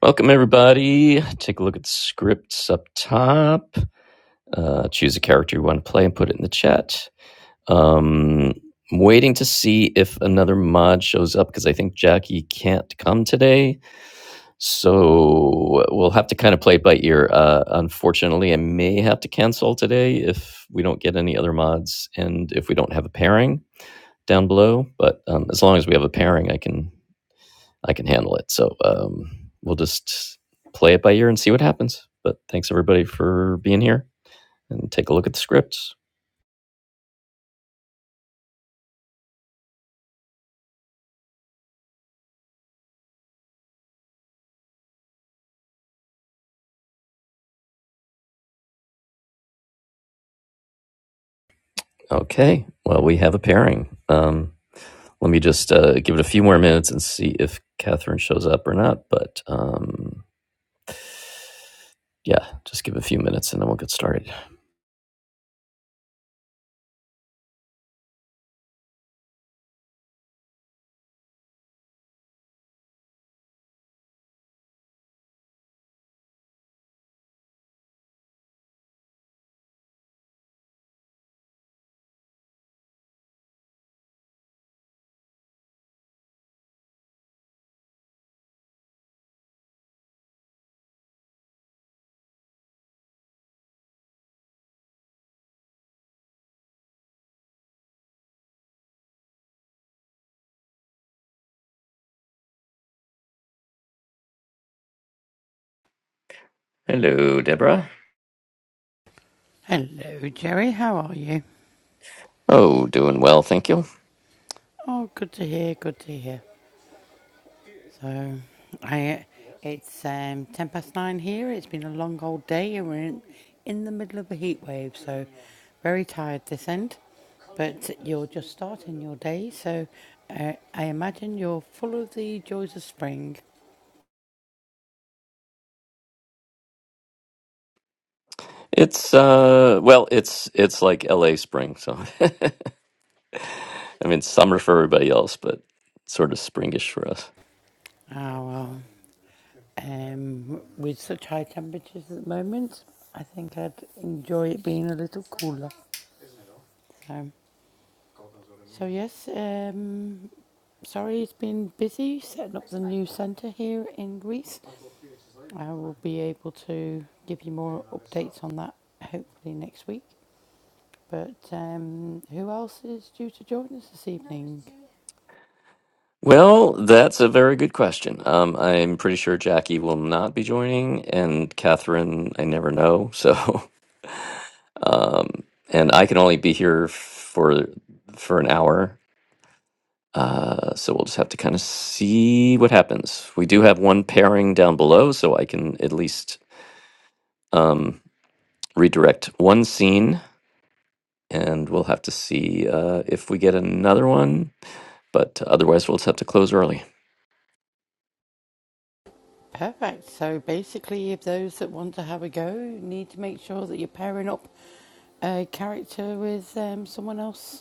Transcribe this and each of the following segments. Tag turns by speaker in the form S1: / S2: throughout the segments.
S1: Welcome, everybody. Take a look at the scripts up top. Uh, choose a character you want to play and put it in the chat. Um, I'm waiting to see if another mod shows up because I think Jackie can't come today. So we'll have to kind of play it by ear. Uh, unfortunately, I may have to cancel today if we don't get any other mods and if we don't have a pairing down below. But um, as long as we have a pairing, I can I can handle it. So um, we'll just play it by ear and see what happens. But thanks everybody for being here and take a look at the scripts. Okay, well we have a pairing. Um, let me just uh, give it a few more minutes and see if Catherine shows up or not. But um, yeah, just give it a few minutes and then we'll get started. Bruh.
S2: Hello, Jerry. How are you?
S1: Oh, doing well, thank you.
S2: Oh, good to hear. Good to hear. So, I it's um, ten past nine here. It's been a long old day, and we're in, in the middle of a heat wave. So, very tired this end. But you're just starting your day, so uh, I imagine you're full of the joys of spring.
S1: It's uh, well, it's it's like L.A. spring, so I mean, summer for everybody else, but sort of springish for us.
S2: Ah well, um, with such high temperatures at the moment, I think I'd enjoy it being a little cooler. So So yes, um, sorry it's been busy setting up the new centre here in Greece. I will be able to give you more updates on that hopefully next week. But um, who else is due to join us this evening?
S1: Well, that's a very good question. Um, I'm pretty sure Jackie will not be joining, and Catherine, I never know. So, um, and I can only be here for for an hour. Uh, so we'll just have to kind of see what happens. We do have one pairing down below, so I can at least um, redirect one scene, and we'll have to see uh, if we get another one. but otherwise we'll just have to close early.
S2: Perfect. So basically, if those that want to have a go you need to make sure that you're pairing up a character with um, someone else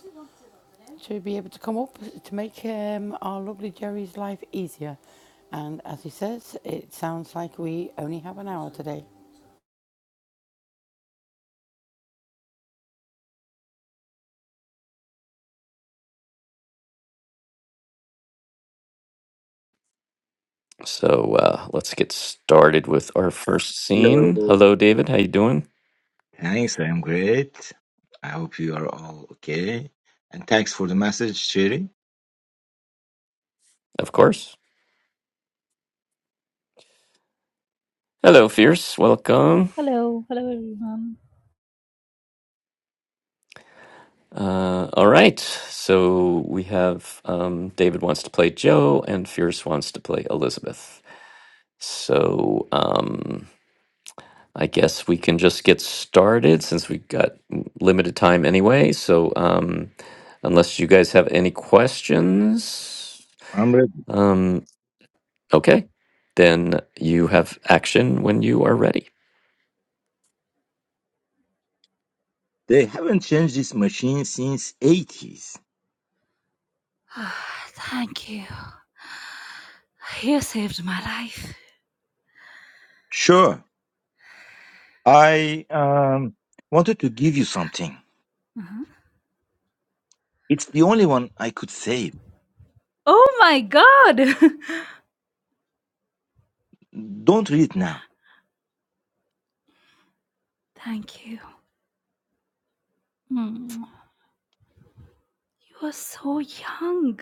S2: to be able to come up to make um, our lovely Jerry's life easier. And as he says, it sounds like we only have an hour today.
S1: So uh, let's get started with our first scene.
S3: Hello.
S1: Hello, David. How you doing?
S3: Thanks, I'm great. I hope you are all okay. And thanks for the message, Sherry.
S1: Of course. Hello, Fierce. Welcome.
S4: Hello, hello everyone.
S1: Uh, all right. So we have um, David wants to play Joe, and Fierce wants to play Elizabeth. So um, I guess we can just get started since we got limited time anyway. So um, unless you guys have any questions.
S3: I'm ready.
S1: um. Okay. Then you have action when you are ready.
S3: They haven't changed this machine since 80s.
S4: Thank you. You saved my life.
S3: Sure. I um wanted to give you something.
S4: Mhm.
S3: It's the only one I could save.
S4: Oh my god!
S3: Don't read it now.
S4: Thank you. Mm. You are so young.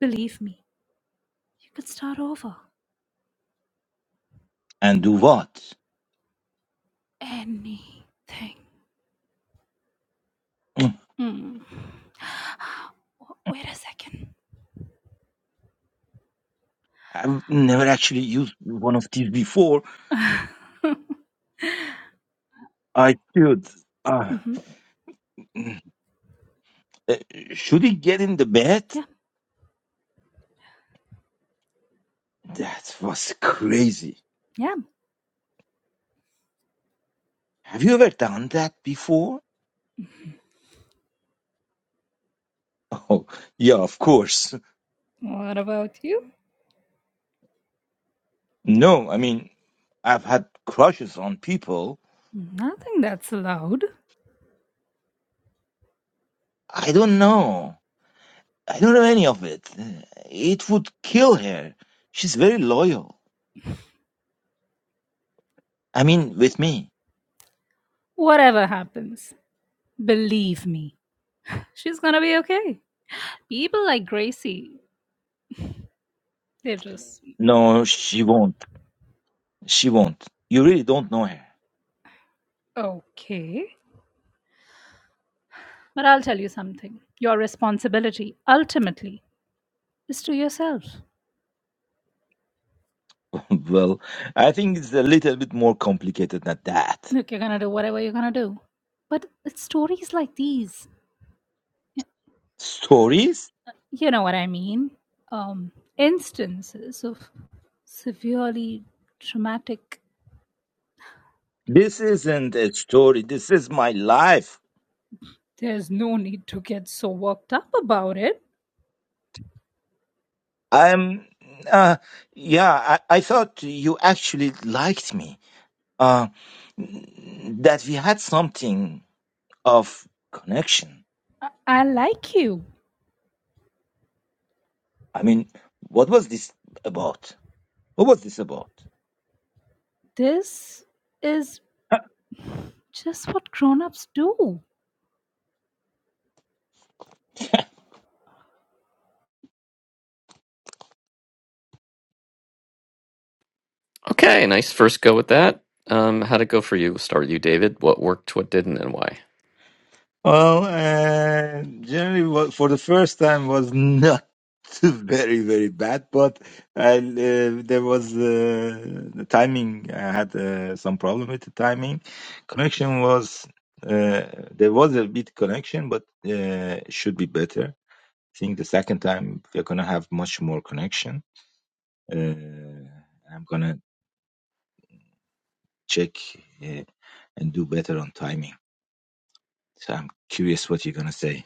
S4: Believe me, you could start over.
S3: And do what?
S4: Anything.
S3: Mm,
S4: Mm. W- Wait a 2nd
S3: I've never actually used one of these before. I should. Uh,
S4: hmm
S3: uh, should he get in the bed?
S4: Yeah,
S3: That was crazy.
S4: yeah.
S3: Have you ever done that before? Oh, yeah, of course.
S4: What about you?
S3: No, I mean, I've had crushes on people.
S4: Nothing that's loud.
S3: I don't know. I don't know any of it. It would kill her. She's very loyal. I mean, with me.
S4: Whatever happens, believe me, she's gonna be okay. People like Gracie, they're just
S3: No, she won't. She won't. You really don't know her.
S4: Okay. But I'll tell you something. Your responsibility ultimately is to yourself.
S3: well, I think it's a little bit more complicated than that.
S4: Look, you're going to do whatever you're going to do. But it's stories like these. y-
S3: Stories?
S4: You know what I mean? Um, instances of severely traumatic.
S3: This isn't a story. This is my life.
S4: There's no need to get so worked up about it.
S3: I'm. Uh, yeah, I, I thought you actually liked me. uh, that we had something of connection.
S4: I, I like you.
S3: I mean, what was this about? What was this about?
S4: This is just what grown ups do.
S1: Okay, nice first go with that. Um, how'd it go for you? We'll Start with you, David. What worked, what didn't, and why?
S3: Well, uh, generally, wa- for the first time was not very, very bad, but I, uh, there was uh, the timing. I had uh, some problem with the timing. Connection was uh, there was a bit connection, but uh, should be better. I think the second time we're gonna have much more connection Uh, I'm gonna check uh, and do better on timing. So I'm curious what you're gonna say.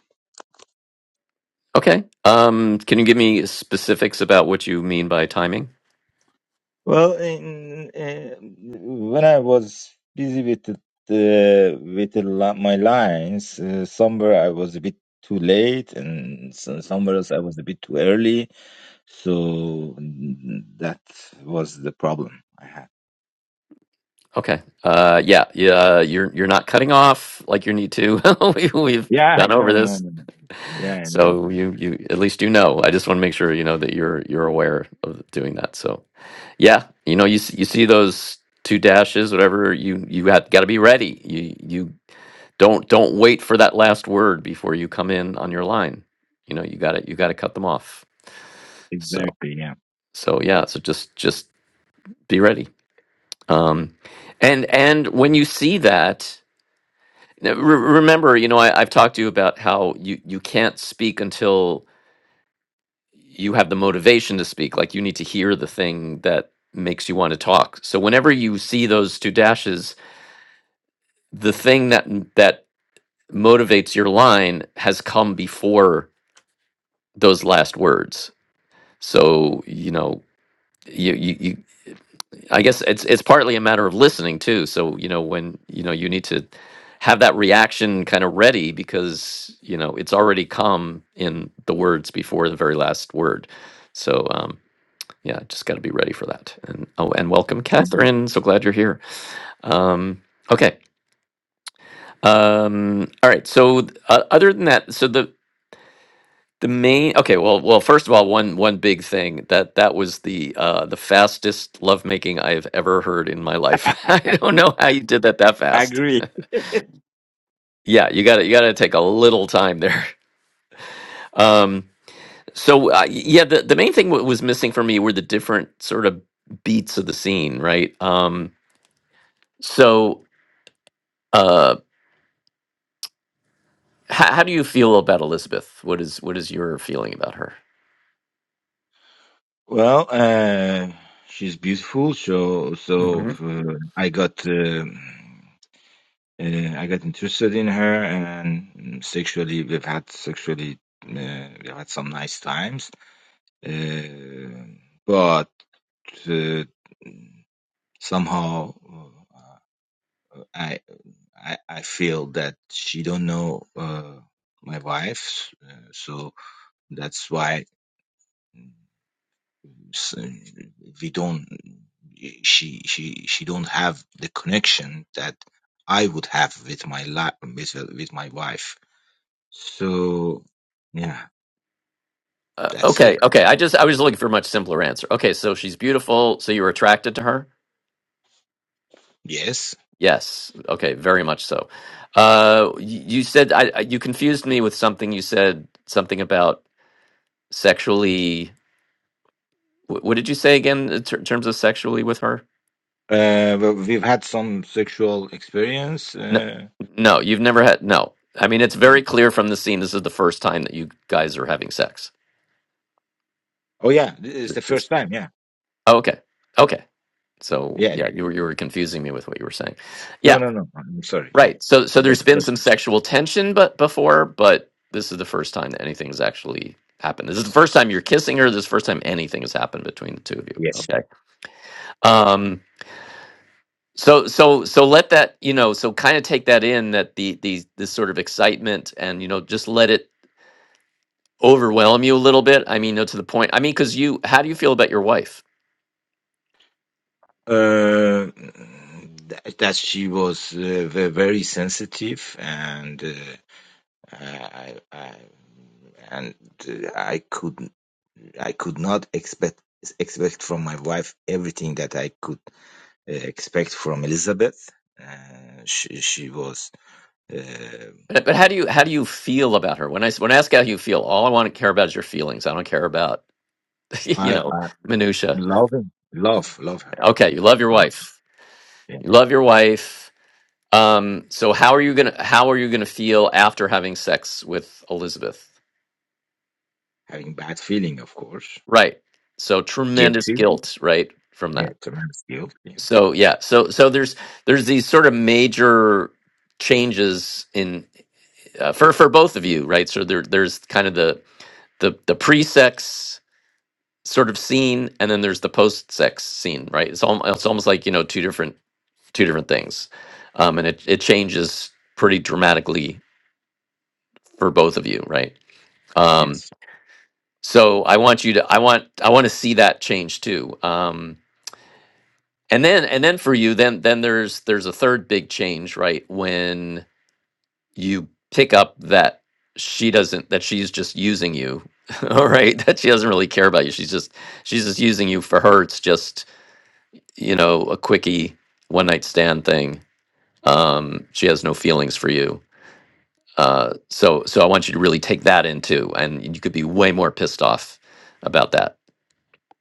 S1: Okay. Um, can you give me specifics about what you mean by timing?
S3: Well, in, uh, when I was busy with the, the with the, li- my lines, uh, somewhere I was a bit too late, and so
S1: hmm
S3: somewhere else I was a bit too early. So mm, that was the problem I had.
S1: Okay. Uh, yeah, yeah. You're you're not cutting off like you need to. we, we've
S3: Yeah, I
S1: gone over
S3: know, I know. I
S1: this,
S3: know. Yeah, I know that
S1: so you you at least you know. I just want to make sure you know that you're you're aware of doing that. So. Yeah, you know, you s- you see those two dashes, whatever. You you got got to be ready. You you don't don't wait for that last word before you come in on your line. You know, you got to You got to cut them off. So
S3: exactly. Yeah,
S1: so yeah. So just just be ready. Um, and and when you see that, now, re- remember, you know, I, I've talked to you about how you you can't speak until you have the motivation to speak. Like you need to hear the thing that makes you want to talk. So whenever you see those two dashes the thing that that motivates your line has come before those last words so you know you, you you i guess it's it's partly a matter of listening too so you know when you know you need to have that reaction kind of ready because you know it's already come in the words before the very last word so um yeah just got to be ready for that and oh and welcome catherine so glad you're here um okay um, all right. So, uh, other than that, so the The main okay, well, well, first of all, one one big thing that that was the uh, the fastest lovemaking I have ever heard in my life. I don't know how you did that that fast.
S3: agree.
S1: Yeah, you got to you got to take a little time there. Um, so uh, yeah, the the main thing what was missing for me were the different sort of beats of the scene, right? Um, so uh, how, how do you feel about Elizabeth? What is what is your feeling about her?
S3: Well, uh, she's beautiful, so so uh, I got uh, uh, I got interested in her, and sexually we've had sexually uh, we've had some nice times, uh, but uh, somehow uh, I, I I feel that she don't know uh, my wife, uh, so that's why. s- we don't she she she don't have the connection that I would have with my la- with with my wife. So yeah,
S1: Uh,
S3: that's it.
S1: okay, okay. I just I was looking for a much simpler answer. Okay, so she's beautiful. So you were attracted to her?
S3: Yes,
S1: Yes. Okay, very much so. Uh, y- you said I, I you confused me with something. You said something about sexually. wh- What did you say again in ter- terms of sexually with her?
S3: uh, well, we've had some sexual experience.
S1: No,
S3: Uh,
S1: no. You've never had no. I mean, it's very
S3: on-
S1: clear from the scene. This is the first time that you guys are having sex.
S3: oh yeah, th- it's the
S1: It's-
S3: first time. Yeah,
S1: oh, okay, okay. So
S3: yeah.
S1: yeah, you were you were confusing me with what you were saying. Yeah.
S3: No, no, no. I'm sorry. Yeah,
S1: Right. So so
S3: it was
S1: there's
S3: the
S1: been
S3: first
S1: some
S3: time.
S1: sexual tension but before, but this is the first time that anything's actually happened. This is the
S3: Yes,
S1: first time you're kissing her, this is the first time anything has happened between the two of you.
S3: yes.
S1: Okay. Um so so so let that, you know, so kind of take that in that the the this sort of excitement and you know just let it overwhelm you a little bit. I mean, no to the point. I mean, cuz you how do you feel about your wife?
S3: Uh, that, that she was uh, ve- very sensitive and. uh, I, I, I and I could I could not expect expect from my wife everything that I could uh, expect from Elizabeth. Uh, she she was uh,
S1: But but how do you how do you feel about her? When I s- when I ask how you feel, all I want to care about is your feelings. I don't care about you
S3: I
S1: know
S3: I
S1: minutia.
S3: loving love love her
S1: Okay, you love your wife.
S3: yeah.
S1: You love your wife. Um, so how are you gonna how are you gonna feel after having sex with Elizabeth?
S3: having bad feeling of course
S1: Right. So tremendous
S3: guilty
S1: guilt, right, from
S3: yeah
S1: that.
S3: tremendous guilt yeah
S1: So yeah, so so there's there's these sort of major changes in uh, for for both of you, right? So there there's kind of the the the pre-sex sort of scene, and then there's the post-sex scene, right? It's almost it's almost like you know two different two different things, um, and it it changes pretty dramatically for both of you, right? Um,
S3: yes
S1: so I want you to I want I want to see that change too. Um, and then and then for you, then then there's there's a third big change, right? When you pick up that she doesn't that she's just using you all right that she doesn't really care about you she's just she's just using you for her it's just you know a quickie one night stand thing um she has no feelings for you uh so so i want you to really take that into and you could be way more pissed off about that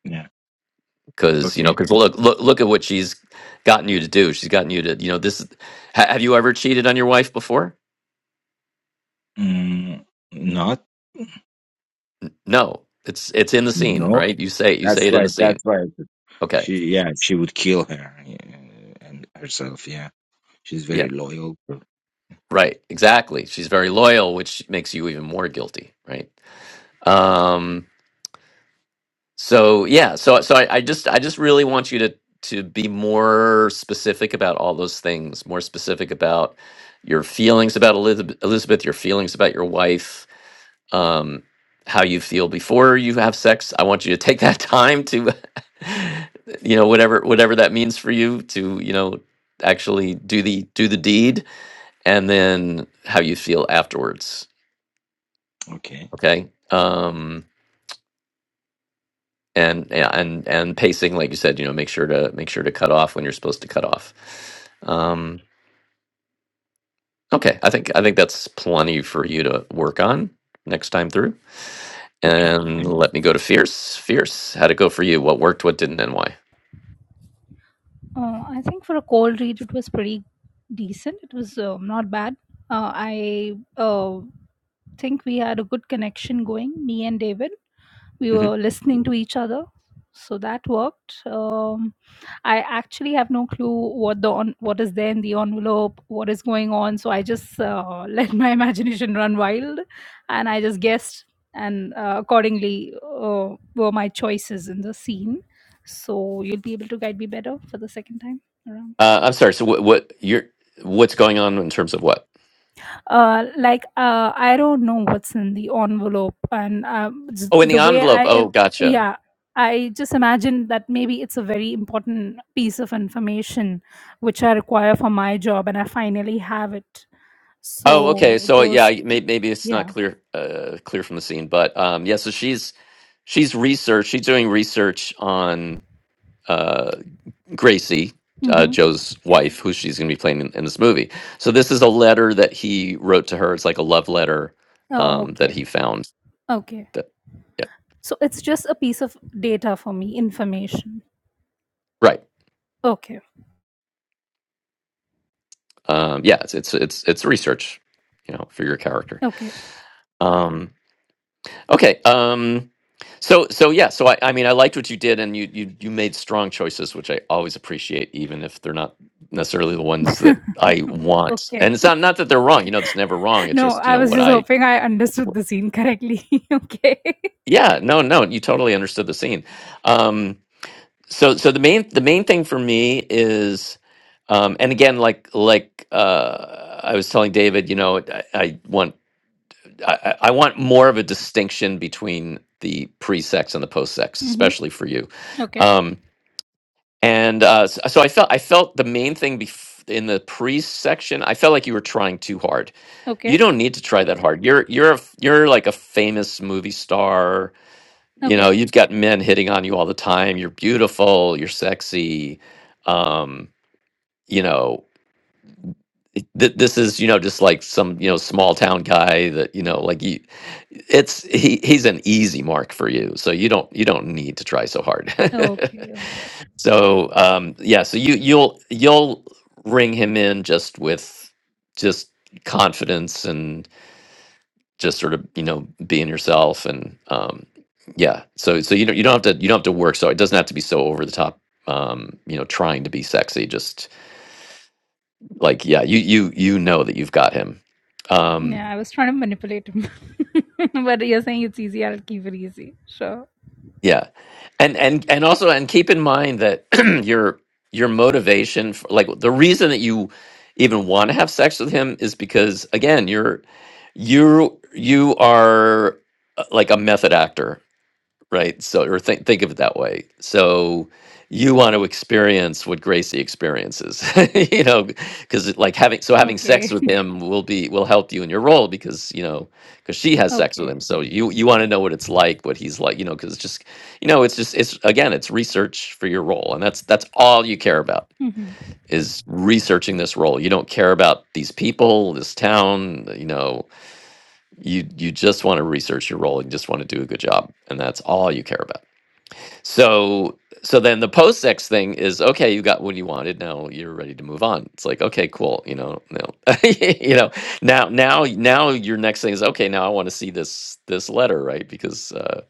S3: yeah
S1: because you know
S3: okay
S1: because look look look at what she's gotten you to do she's gotten you to you know this is- ha- have you ever cheated on your wife before
S3: mm, not
S1: no it's it's in the scene
S3: no
S1: right you say you
S3: That's
S1: say it in
S3: why.
S1: the scene
S3: That's why
S1: Okay.
S3: she. Yeah, she would kill her yeah, and herself. Yeah, she's
S1: Yeah.
S3: very loyal.
S1: Right. Exactly. She's very loyal, which makes you even more guilty, right? Um so yeah, so so I, I just I just really want you to to be more specific about all those things, more specific about your feelings about Elizabeth, Elizabeth your feelings about your wife, um how you feel before you have sex. I want you to take that time to you know whatever whatever that means for you to, you know, actually do the do the deed and then how you feel afterwards
S3: Okay.
S1: okay um and yeah, and and pacing like you said you know make sure to make sure to cut off when you're supposed to cut off um okay i think i think that's plenty for you to work on next time through
S3: Okay.
S1: and
S3: Thank-
S1: let me go to fierce fierce how'd it go for you what worked what didn't and why
S4: Uh, I think for a cold read, it was pretty decent. It was uh, not bad. Uh, I uh, think we had a good connection going, me and David we
S1: hmm
S4: were listening to each other so that worked um, i actually have no clue what the on, what is there in the envelope what is going on so i just uh, let my imagination run wild and i just guessed and uh, accordingly uh, were my choices in the scene so you'll be able to guide me better for the second time around
S1: Uh, I'm sorry. So what, what you're what's going on in terms of what?
S4: uh like uh i don't know what's in the envelope and um s-
S1: Oh, in the
S4: the way
S1: envelope.
S4: i
S1: Oh,
S4: am
S1: gotcha.
S4: yeah i just imagine that maybe it's a very important piece of information which i require for my job and i finally have it
S1: Oh, okay.
S4: so
S1: So yeah,
S4: those
S1: may, maybe it's not
S4: yeah
S1: clear uh, clear from the scene, but um, yeah. So she's she's research. She's doing research on uh, Gracie, uh,
S4: mm-hmm.
S1: Joe's wife, who she's going to be playing in, in this movie. So this is a letter that he wrote to her. It's like a love letter
S4: oh
S1: um, that
S4: okay
S1: he found.
S4: okay
S1: That yeah,
S4: so it's just a piece of data for me information
S1: right.
S4: okay
S1: Um, yeah, it's it's it's it's research, you know, for your character.
S4: okay
S1: Um, Okay. Um, so so yeah. So I, I mean I liked what you did, and you you you made strong choices, which I always appreciate, even if they're not necessarily the ones that I want.
S4: okay
S1: And it's not not that they're wrong. You know, it's never wrong. It's
S4: no
S1: just you
S4: i
S1: know
S4: was
S1: what
S4: just
S1: I.
S4: hoping i understood the scene correctly okay
S1: Yeah. No. No. You totally understood the scene. Um, so so the main the main thing for me is. Um, and again, like like uh, I was telling David, you know, I, I want I, I want more of a distinction between the pre-sex and the post-sex,
S4: Mm-hmm.
S1: especially for you.
S4: Okay.
S1: Um, and uh, s- so I felt I felt the main thing bef- in the pre-section. I felt like you were trying too hard. You
S4: Okay.
S1: don't need to try that hard. You're you're a f you're like a famous movie star. You know,
S4: Okay.
S1: you've got men hitting on you all the time. You're beautiful. You're sexy. Um, you know, th- this is you know just like some you know small town guy that you know like you it's he he's an easy mark for you so you don't you don't need to try so hard
S4: Okay. Okay.
S1: so um yeah so you you'll you'll ring him in just with just confidence and just sort of you know being yourself and um yeah so so you don't you don't have to you don't have to work so it doesn't have to be so over the top um you know trying to be sexy just like yeah you you you know that you've got him um
S4: Yeah, I was trying to manipulate him. but you're saying it's easy, I'll keep it easy. Sure.
S1: yeah and and and also and keep in mind that your your motivation for, like the reason that you even want to have sex with him is because again you're you you are uh, like a method actor right? So, or think think of it that way. So, you want to experience what Gracie experiences, you know, because like having so having sex
S4: Okay.
S1: with him will be will help you in your role because you know because she has sex with
S4: Okay.
S1: him. So you you want to know what it's like, what he's like, you know, because just you know, it's just it's again, it's research for your role, and that's that's all you care about
S4: Mm-hmm.
S1: is researching this role. You don't care about these people, this town, you know. You you just want to research your role and just want to do a good job, and that's all you care about. So so then the post sex thing is okay, you got what you wanted, now you're ready to move on. It's like, okay, cool, you know, no. you know, now now now your next thing is okay, now I want to see this this letter, right? Because uh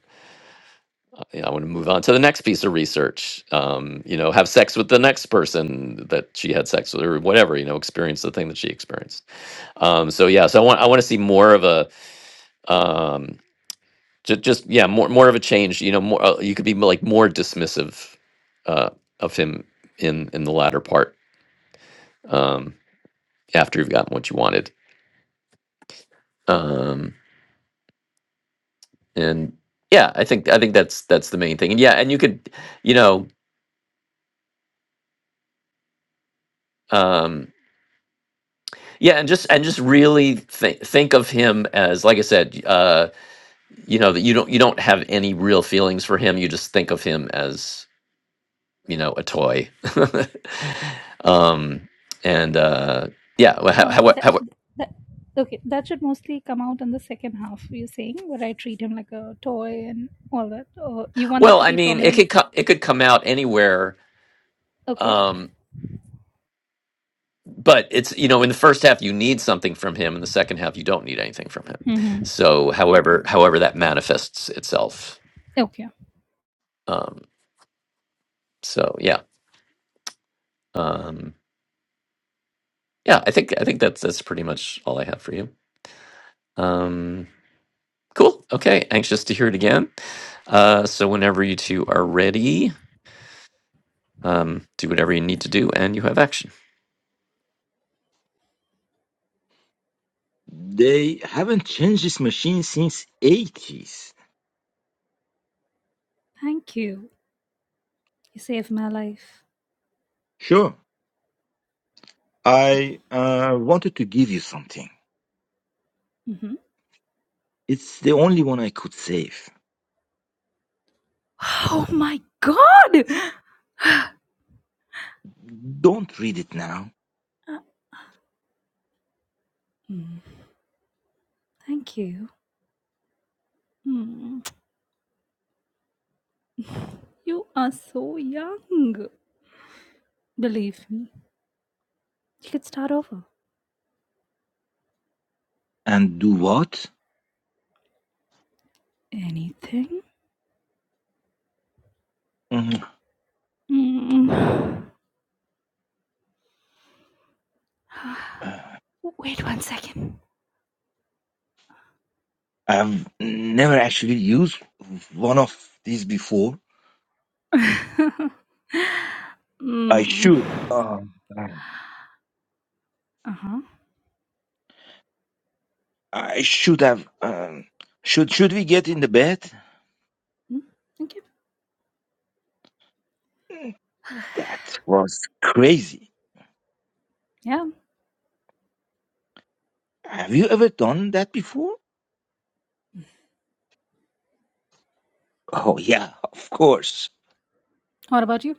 S1: I want to move on to the next piece of research. Um, you know, have sex with the next person that she had sex with or whatever, you know, experience the thing that she experienced. Um so yeah, so I want I want to see more of a um just, just yeah, more more of a change. You know, more uh, you could be like more dismissive uh, of him in in the latter part um, after you've gotten what you wanted. Um, and yeah, I think I think that's that's the main thing. And yeah, and you could, you know, um, yeah, and just and just really think think of him as like I said, uh, you know, that you don't you don't have any real feelings for him. You just think of him as you know a toy. um, and uh, yeah,
S4: Uh,
S1: well,
S4: that,
S1: how,
S4: that, okay, that should mostly come out in the second half, you're saying, where I treat him like a toy and all that. Or you want that
S1: Well,
S4: to
S1: I
S4: be
S1: mean, it
S4: prominent?
S1: could co- it could come out anywhere,
S4: Okay.
S1: um, but it's you know in the first half you need something from him, in the second half you don't need anything from him.
S4: Mm-hmm.
S1: So, however, however that manifests itself.
S4: Okay.
S1: Um, so yeah, um, yeah, I think I think that's that's pretty much all I have for you. Um, cool. Okay, anxious to hear it again. Uh, so whenever you two are ready, um, do whatever you need to do, and you have action.
S3: They haven't changed this machine since 80s.
S4: Thank you. You saved my life.
S3: Sure. I uh, wanted to give you something.
S4: Mm-hmm.
S3: It's the only one I could save.
S4: Oh my god!
S3: Don't read it now.
S4: Uh, mm, thank you. You are so young. Believe me, you could start over.
S3: And do what?
S4: Anything?
S3: Mhm.
S4: Mm. Wait one second.
S3: I've never actually used one of these before. I
S4: mm.
S3: should. Uh,
S4: Uh huh.
S3: I should have. Um, should should we get in the bed?
S4: Okay.
S3: That was crazy.
S4: Yeah.
S3: Have you ever done that before? Oh yeah, of course.
S4: What about you?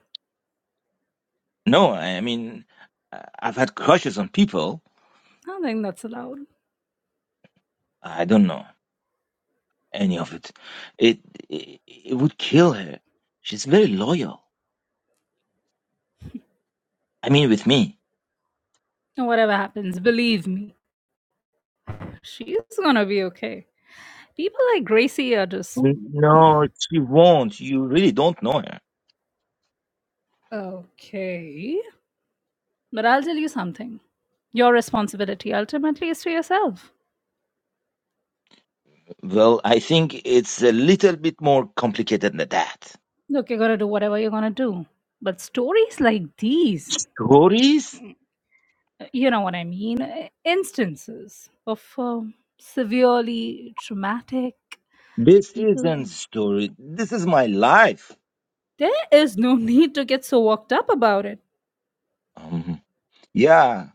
S3: No, I mean, uh, I've had crushes on people.
S4: I think that's allowed.
S3: I don't know any of it. It it, it would kill her. She's very loyal. I mean, with me.
S4: And Whatever happens, believe me, she's gonna be okay. People like Gracie are just
S3: N- No, she won't. You really don't know her.
S4: okay. But I'll tell you something. Your responsibility ultimately is to yourself.
S3: Well, I think it's a little bit more complicated than that.
S4: Look, you're gonna do whatever you're gonna do. But stories like these,
S3: Stories?
S4: uh, you know what I mean? uh, Instances of um, severely traumatic
S3: This isn't
S4: people.
S3: story. This is my life.
S4: There is no need to get so worked up about it.
S3: Um, yeah,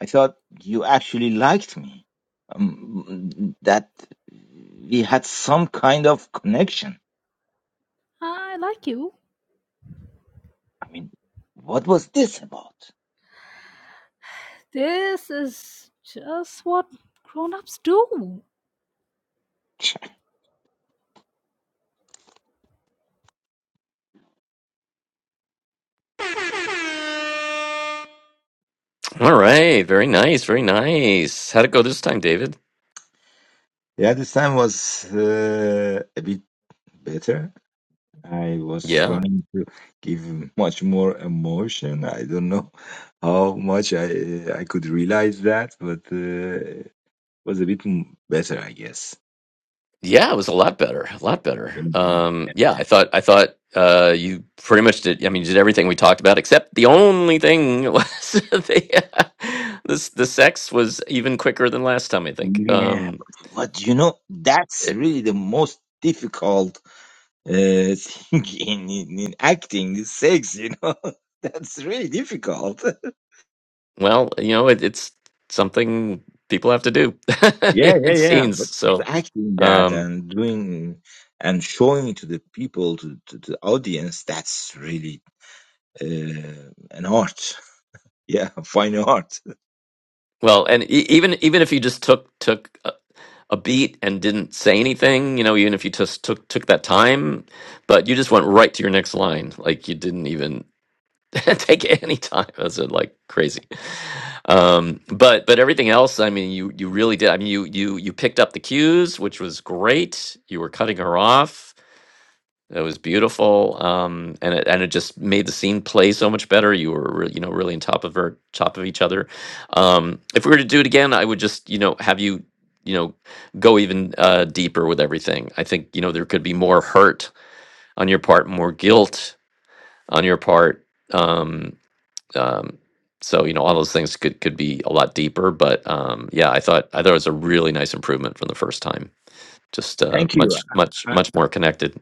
S3: I thought you actually liked me. Um, that we had some kind of connection.
S4: I like you.
S3: I mean, what was this about?
S4: This is just what grown ups do.
S1: All right. Very nice. Very nice. How'd it go this time, David?
S3: Yeah, this time was uh, a bit better. I was
S1: Yeah.
S3: trying to give much more emotion. I don't know how much I I could realize that, but uh, was a bit m- better, I guess.
S1: Yeah, it was a lot better. A lot better. Um, yeah, I thought I thought uh you pretty much did I mean you did everything we talked about except the only thing was the this the sex was even quicker than last time, I think.
S3: Yeah,
S1: Um
S3: but, but you know, that's
S1: it,
S3: really the most difficult uh, thing in, in, in acting is sex, you know. That's really difficult.
S1: well, you know, it, it's something people have to do
S3: Yeah, yeah,
S1: in
S3: yeah.
S1: scenes.
S3: But
S1: So
S3: acting that
S1: um
S3: and doing and showing to the people, to, to the audience, that's really uh, an art. Yeah, fine art.
S1: well, and e- even even if you just took took uh, a beat and didn't say anything, you know, even if you just took took that time, but you just went right to your next line, like you didn't even take any time. That's uh, like crazy. Um, but but everything else, I mean, you you really did. I mean, you you you picked up the cues, which was great. You were cutting her off it was beautiful, um, and it and it just made the scene play so much better. You were re- you know really on top of her, top of each other. Um, if we were to do it again, I would just you know have you you know go even uh, deeper with everything. I think you know there could be more hurt on your part, more guilt on your part. Um, um, so you know all those things could could be a lot deeper. But um, yeah, I thought I thought it was a really nice improvement from the first time. Just uh,
S3: Thank you.
S1: much much
S3: I,
S1: much more connected.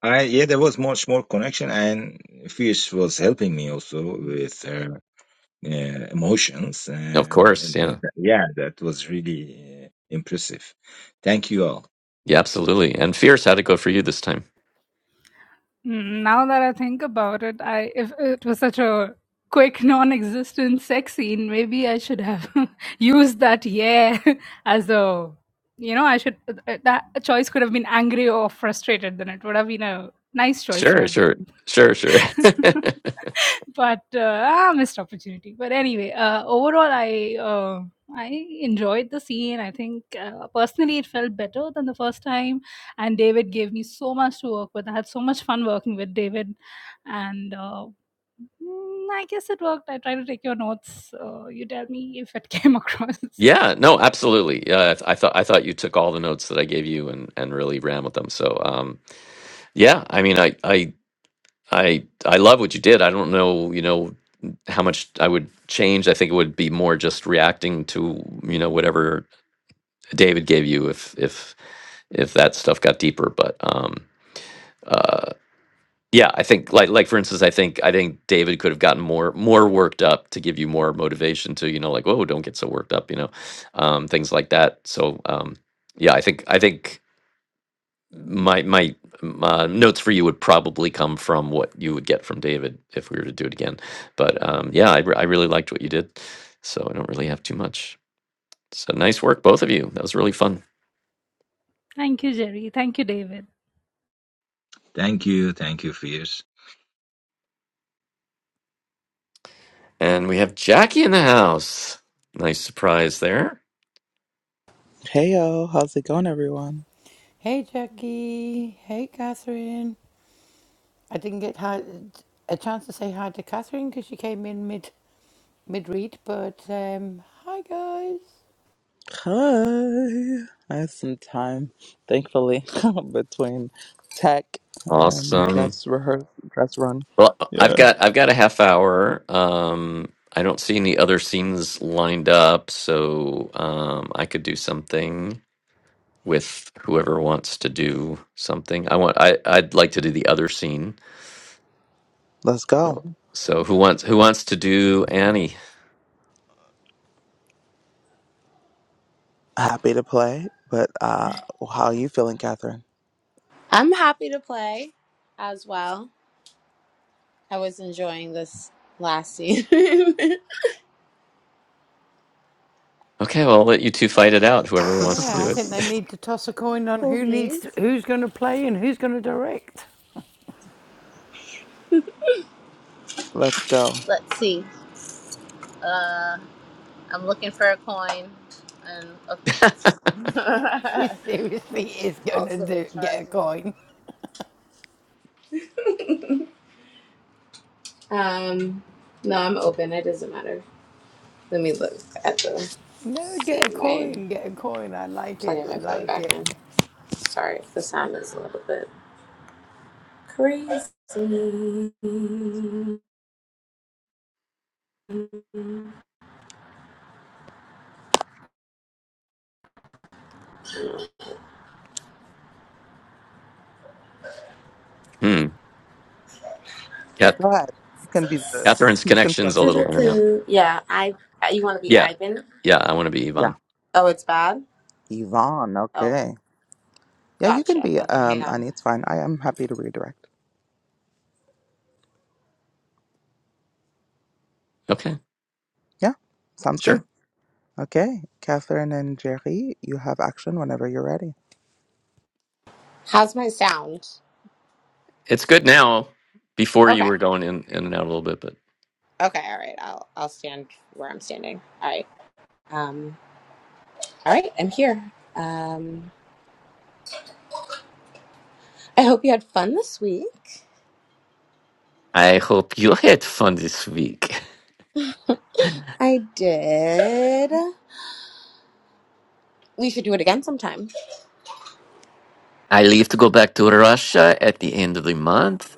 S3: I, yeah, there was much more connection, and Fish was helping me also with her uh, emotions
S1: Of
S3: and,
S1: course,
S3: and that,
S1: yeah.
S3: that- yeah that was really uh, impressive thank you all
S1: Yeah, absolutely. And fierce, how'd it go for you this time?
S4: Mm, Now that I think about it, I if it was such a quick non-existent sex scene, maybe I should have used that yeah as a you know I should that choice could have been angry or frustrated. Then it would have been a nice choice to
S1: Sure,
S4: have.
S1: sure, sure, sure.
S4: but uh, ah, missed opportunity. But anyway, uh, overall, I uh, I enjoyed the scene. I think uh, personally, it felt better than the first time. And David gave me so much to work with. I had so much fun working with David, and. Uh, mm, I guess it worked. I try to take your notes. Uh, you tell me if it came across.
S1: yeah, no, absolutely. Yeah, I, th- I thought I thought you took all the notes that I gave you and and really ran with them. So, um, yeah, I mean, I I I I love what you did. I don't know, you know, how much I would change. I think it would be more just reacting to you know whatever David gave you if if if that stuff got deeper. But um, uh, Yeah, I think like like for instance, I think I think David could have gotten more more worked up to give you more motivation to you know like whoa don't get so worked up you know um, things like that. So um, yeah, I think I think my my uh, notes for you would probably come from what you would get from David if we were to do it again. But um, yeah, I, re- I really liked what you did, so I don't really have too much. So nice work, both of you. That was really fun.
S4: Thank you, Jerry. Thank you, David.
S3: thank you thank you Fierce.
S1: And we have Jackie in the house. Nice surprise there.
S5: Hey yo, how's it going, everyone?
S2: Hey, Jackie. Hey, Catherine. I didn't get hi- a chance to say hi to Catherine because she came in mid mid read, but um, hi, guys.
S5: Hi. I have some time, thankfully, between tech and
S1: Awesome.
S5: dress rehearse, dress run.
S1: Well, I've
S5: Yeah.
S1: got I've got a half hour. Um, I don't see any other scenes lined up, so um, I could do something with whoever wants to do something. I want I I'd like to do the other scene.
S5: Let's go.
S1: So so who wants who wants to do Annie?
S5: Happy to play, but uh, how are you feeling, Catherine?
S6: I'm happy to play as well. I was enjoying this last scene.
S1: Okay, well, I'll let you two fight it out. Whoever wants to
S2: Yeah,
S1: do
S2: I
S1: it.
S2: think they
S5: Let's
S2: need to toss a coin on
S6: cool
S2: who needs
S6: beans.
S2: to, who's going to play and who's going to direct.
S5: go.
S6: Let's see. Uh, I'm looking for a coin and a-
S2: She seriously is going to
S6: also
S2: do, get a
S6: rechargeable.
S2: coin.
S6: Um, no, I'm open. It doesn't matter. Let me look at the
S2: No,
S6: see
S2: get a
S6: my
S2: coin, get a coin. I like it.
S6: plugging
S2: I
S6: my phone
S2: like
S6: back
S2: it.
S6: in. Sorry if the sound is a little bit crazy.
S1: hmm. Cat,
S5: Go ahead. You can be the.
S1: Catherine's
S5: You can play.
S1: connection's a little in and out.
S6: Doo-doo-doo. Yeah, I. You want to be
S1: Yeah,
S6: Ivan?
S1: yeah. I want to be
S5: Yeah.
S1: Yvonne.
S6: Oh, it's bad.
S5: Yvonne.
S6: Oh,
S5: Okay. Yeah, you can
S6: gotcha.
S5: be.
S6: Okay, hang
S5: Um,
S6: on.
S5: Ani, it's fine. I am happy to redirect.
S1: Okay,
S5: Yeah. Sounds good.
S1: sure.
S5: Okay, Catherine and Jerry, you have action whenever you're ready.
S6: How's my sound?
S1: It's good now. Before you
S6: Okay.
S1: were going in in and out a little bit, but.
S6: Okay. All right. I'll I'll stand where I'm standing. All right. Um. All right. I'm here. Um. I hope you had fun this week.
S1: I hope you had fun this week.
S6: I did. We should do it again sometime.
S1: I leave to go back to Russia at the end of the month.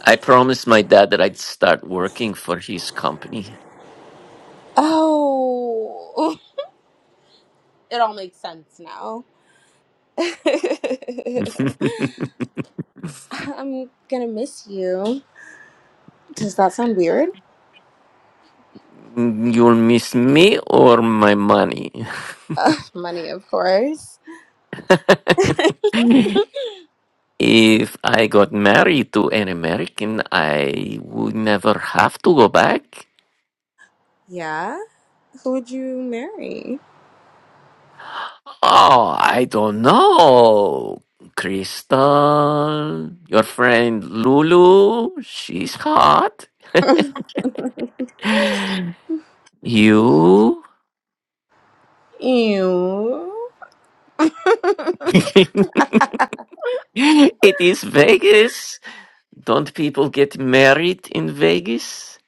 S1: I promised my dad that I'd start working for his company.
S6: Oh, it all makes sense now. I'm gonna miss you. Does that sound weird?
S1: You'll miss me or my money.
S6: Uh, money, of course.
S1: if I got married to an American, I would never have to go back.
S6: Yeah. Who would you marry?
S1: Oh, I don't know. Crystal, your friend Lulu, she's hot. You?
S6: Ew.
S1: it is Vegas. Don't people get married in Vegas?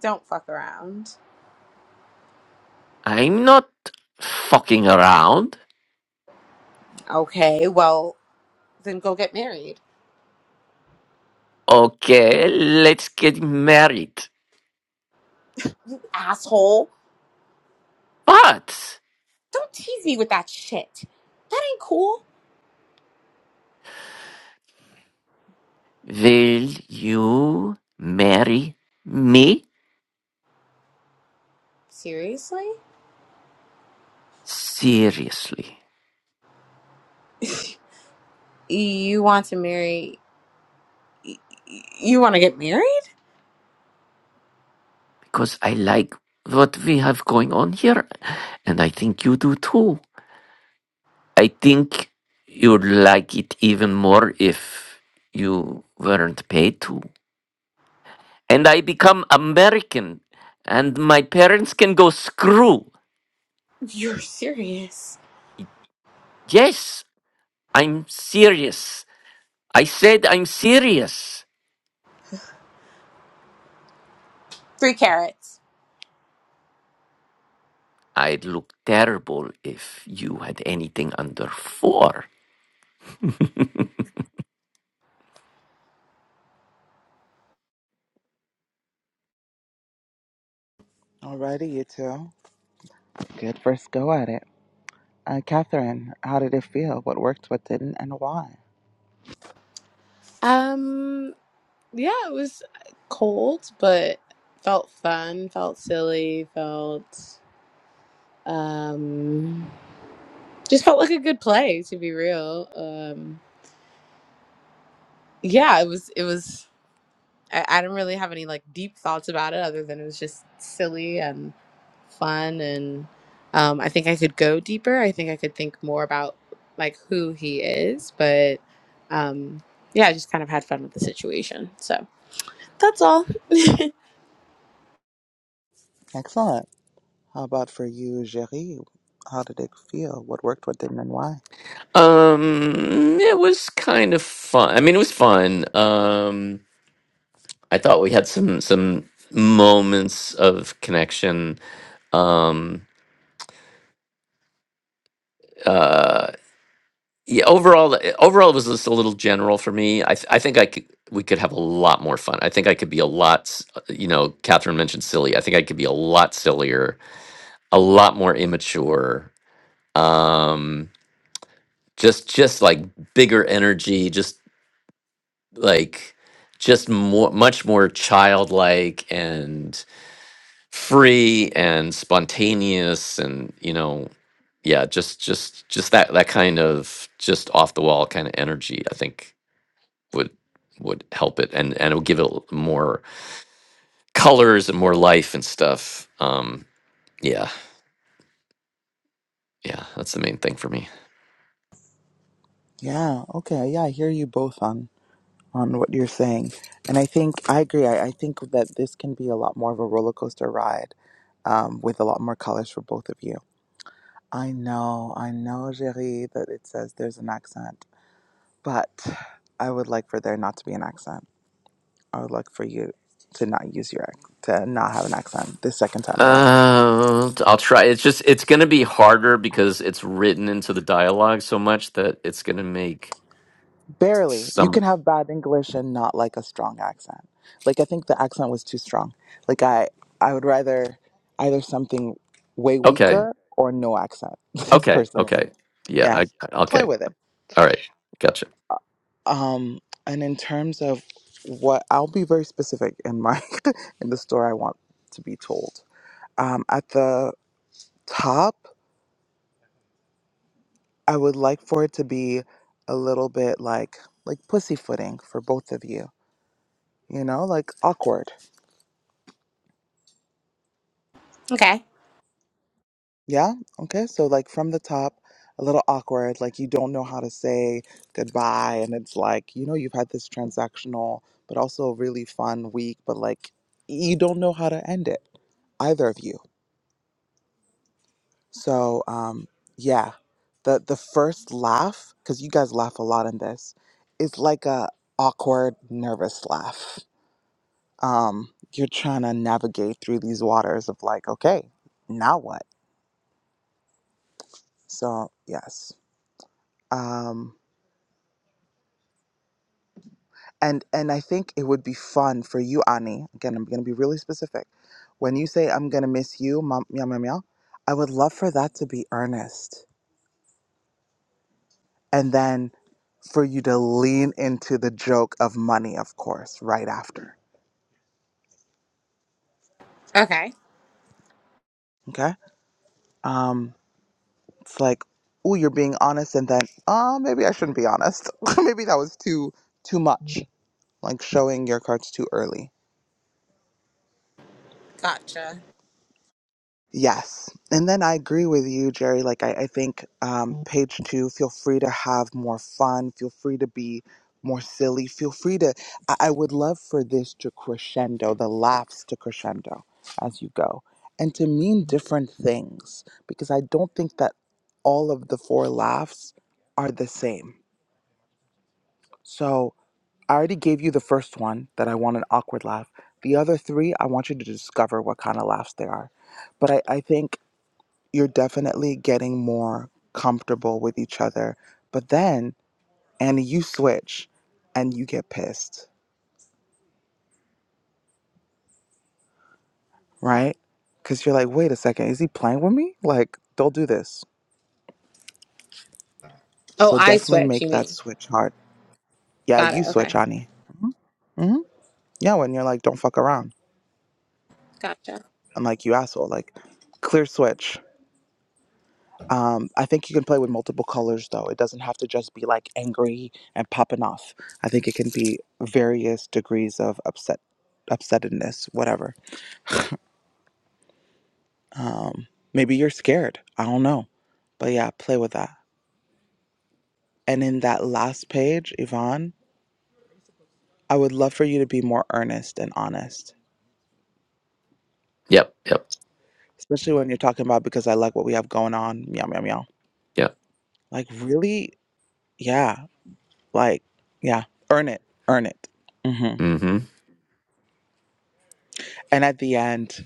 S6: Don't fuck around.
S1: I'm not fucking around.
S6: Okay, well, then go get married.
S1: Okay, let's get married.
S6: Asshole.
S1: But
S6: Don't tease me with that shit. That ain't cool.
S1: will you marry me?
S6: Seriously?
S1: Seriously.
S6: You want to marry. y- y- You want to get married?
S1: because I like what we have going on here, and I think you do too. I think you'd like it even more if you weren't paid to. And I become American, and my parents can go screw.
S6: You're serious.
S1: Yes, I'm serious. I said I'm serious.
S6: Three carrots.
S1: I'd look terrible if you had anything under four.
S5: Alrighty, you two. Good first go at it. Uh, Catherine, how did it feel? What worked, what didn't, and why?
S6: Um, yeah, it was cold, but felt fun, felt silly, felt. um just felt like a good play to be real um yeah it was it was I, I didn't really have any like deep thoughts about it other than it was just silly and fun and um i think i could go deeper i think i could think more about like who he is but um yeah i just kind of had fun with the situation so that's all
S5: Excellent. How about for you, Jerry? How did it feel? What worked, what didn't, and why?
S1: Um, it was kind of fun. I mean, it was fun. Um, I thought we had some some moments of connection. Um, uh, yeah. Overall, overall, it was just a little general for me. I th- I think I could we could have a lot more fun. I think I could be a lot. s- You know, Catherine mentioned silly. I think I could be a lot sillier, a lot more immature. Um, just just like bigger energy, just. like just more much more childlike and free and spontaneous and you know yeah just just just that that kind of just off the wall kind of energy i think would would help it and and it would give it l- more colors and more life and stuff um yeah yeah that's the main thing for me
S5: Yeah, okay, yeah, I hear you both on on what you're saying. And I think I agree. I, I think that this can be a lot more of a roller coaster ride um, with a lot more colors for both of you. I know, I know, Jerry, that it says there's an accent. but I would like for there not to be an accent. I would like for you to not use your ac- to not have an accent the second time around.
S1: uh, i'll try it's just it's gonna be harder because it's written into the dialogue so much that it's gonna make
S5: Barely. You
S1: some
S5: can have bad English and not like a strong accent. Like I think the accent was too strong. Like I I would rather either something way
S1: Okay.
S5: weaker or no accent
S1: Okay.
S5: personally.
S1: Okay. Yeah.
S5: Yeah.
S1: I I-
S5: Play
S1: okay.
S5: with it.
S1: All right. Gotcha.
S5: Um and in terms of what I'll be very specific in my in the story I want to be told. Um at the top I would like for it to be a little bit like like pussyfooting for both of you. You know, like awkward.
S6: okay
S5: Yeah? Okay. So like from the top, a little awkward, like you don't know how to say goodbye and it's like, you know, you've had this transactional but also a really fun week, but like you don't know how to end it, either of you. So um yeah. The the first laugh, because you guys laugh a lot in this, is like a awkward, nervous laugh. um, you're trying to navigate through these waters of like, okay, now what? So yes, um, and and I think it would be fun for you, Ani. Again, I'm gonna be really specific. When you say I'm gonna miss you, mom, meow meow meow, I would love for that to be earnest, and then for you to lean into the joke of money, of course, right after.
S6: okay
S5: Okay, um, it's like, oh, you're being honest, and then, oh, maybe I shouldn't be honest. maybe that was too too much like showing your cards too early.
S6: gotcha
S5: Yes. And then I agree with you, Jerry. Like, I, I think um, page two, feel free to have more fun, feel free to be more silly, feel free to. I, I would love for this to crescendo, the laughs to crescendo as you go, and to mean different things, because I don't think that all of the four laughs are the same. So, I already gave you the first one that I want an awkward laugh. The other three, I want you to discover what kind of laughs they are. But I, I think you're definitely getting more comfortable with each other. But then, Annie, you switch and you get pissed, right? Because you're like, wait a second, is he playing with me? Like, don't do this.
S6: oh
S5: So
S6: i
S5: definitely
S6: switch you
S5: make that
S6: mean
S5: switch hard. Yeah,
S6: got it
S5: you switch,
S6: okay
S5: Annie. hmm Mhm. Yeah, when you're like, don't fuck around.
S6: gotcha
S5: I'm like, you asshole. Like, clear switch. Um, I think you can play with multiple colors though. It doesn't have to just be like angry and popping off. I think it can be various degrees of upset, upsetness, whatever. Um, maybe you're scared. I don't know. But yeah, play with that. And in that last page, Yvonne, I would love for you to be more earnest and honest,
S1: Yep. Yep.
S5: especially when you're talking about because I like what we have going on. Meow, meow, meow.
S1: Yep.
S5: Like, really? Yeah. Like, yeah. Earn it. Earn it. hmm
S1: Mm-hmm.
S5: And at the end,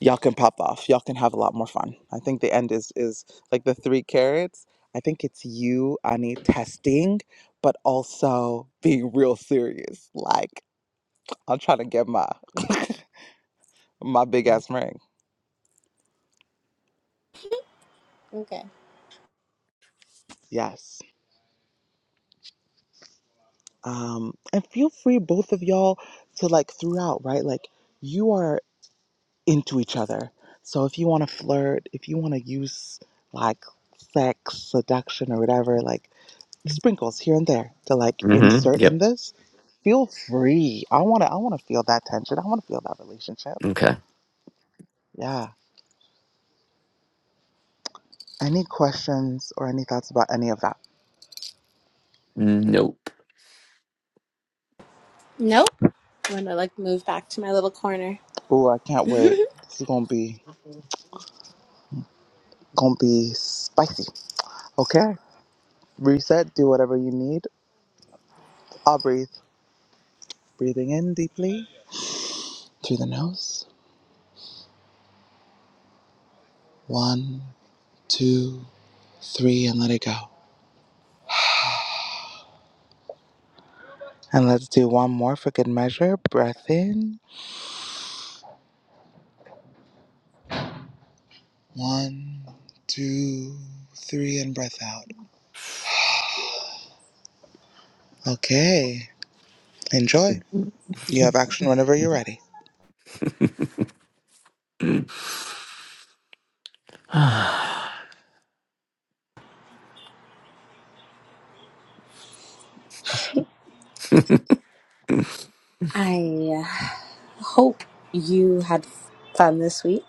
S5: y'all can pop off. Y'all can have a lot more fun. I think the end is is like the three carrots. I think it's you, Ani, testing, but also being real serious. Like I'm trying to get my my big ass ring.
S6: Okay.
S5: Yes. Um, and feel free, both of y'all, to like throughout, right? Like you are into each other. So if you want to flirt, if you want to use like sex, seduction, or whatever, like sprinkles here and there to like
S1: Mm-hmm.
S5: insert in
S1: Yep.
S5: this feel free i want to i want to feel that tension i want to feel that relationship
S1: Okay.
S5: yeah any questions or any thoughts about any of that
S1: Nope.
S6: Nope. I'm gonna like move back to my little corner.
S5: oh i can't wait this is gonna be gonna be spicy okay reset do whatever you need i'll breathe breathing in deeply through the nose one two three and let it go and let's do one more for good measure breath in One, two, three, and breath out. Okay, enjoy. You have action whenever you're ready.
S6: I uh, hope you had fun this week.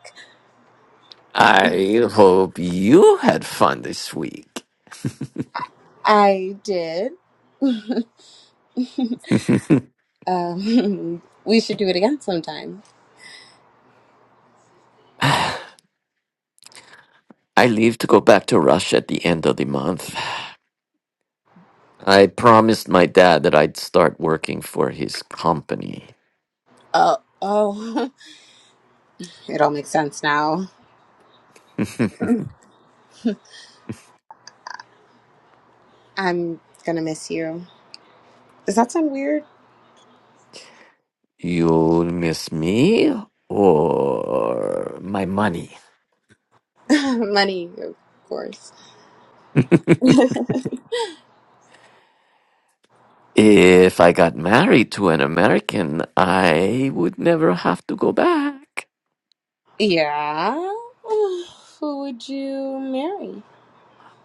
S1: I hope you had fun this week.
S6: I did. um, we should do it again sometime.
S1: I leave to go back to Russia at the end of the month. I promised my dad that I'd start working for his company.
S6: Oh, oh, it all makes sense now. I'm gonna miss you. Does that sound weird?
S1: You'll miss me or my money?
S6: Money, of course.
S1: If I got married to an American, I would never have to go back.
S6: Yeah. Who would you marry?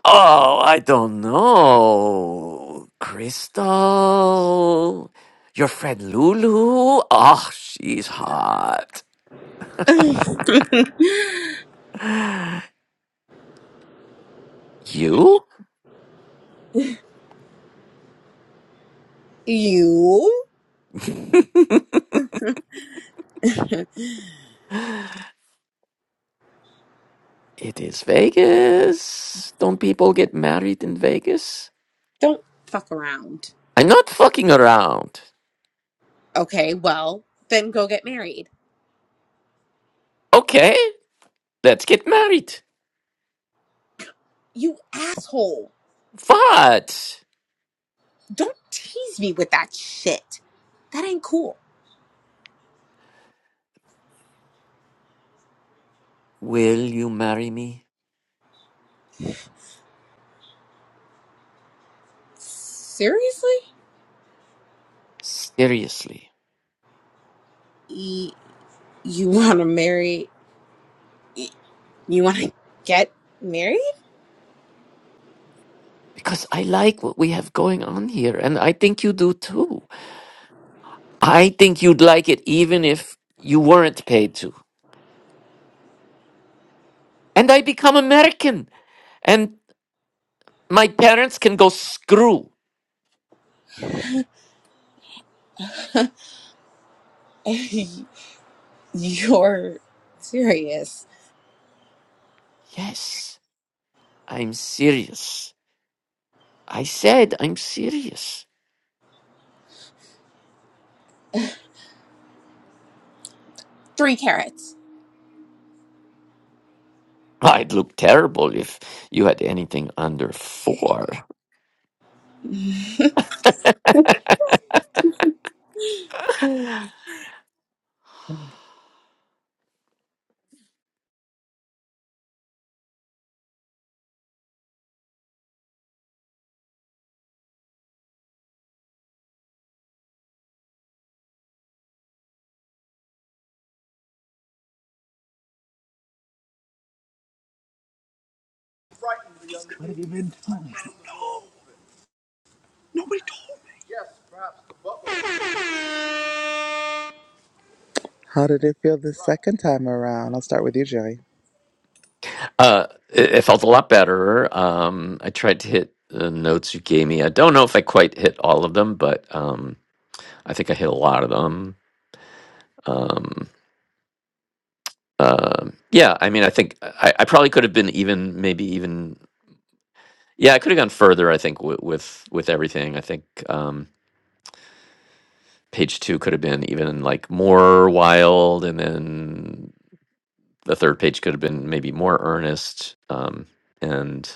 S1: Oh, I don't know. Crystal. Your friend Lulu. Oh, she's hot. You?
S6: you.
S1: it is Vegas. Don't people get married in Vegas?
S6: Don't fuck around.
S1: I'm not fucking around.
S6: Okay, well, then go get married.
S1: Okay, let's get married.
S6: You asshole.
S1: What?
S6: Don't tease me with that shit. That ain't cool.
S1: Will you marry me?
S6: Seriously?
S1: Seriously.
S6: Y- You want to marry? You want to get married?
S1: Because I like what we have going on here, and I think you do too. I think you'd like it even if you weren't paid to. And I become American, and my parents can go screw.
S6: You're serious.
S1: Yes, I'm serious. I said I'm serious.
S6: Three carrots.
S1: I'd look terrible if you had anything under four.
S5: How did it feel the second time around? I'll start with you, Joey.
S1: Uh, it, it felt a lot better. Um, I tried to hit the notes you gave me. I don't know if I quite hit all of them, but um, I think I hit a lot of them. Um, um yeah, I mean, I think I, I probably could have been even, maybe even, yeah, I could have gone further. I think w- with with everything, I think um, page two could have been even like more wild, and then the third page could have been maybe more earnest. Um, and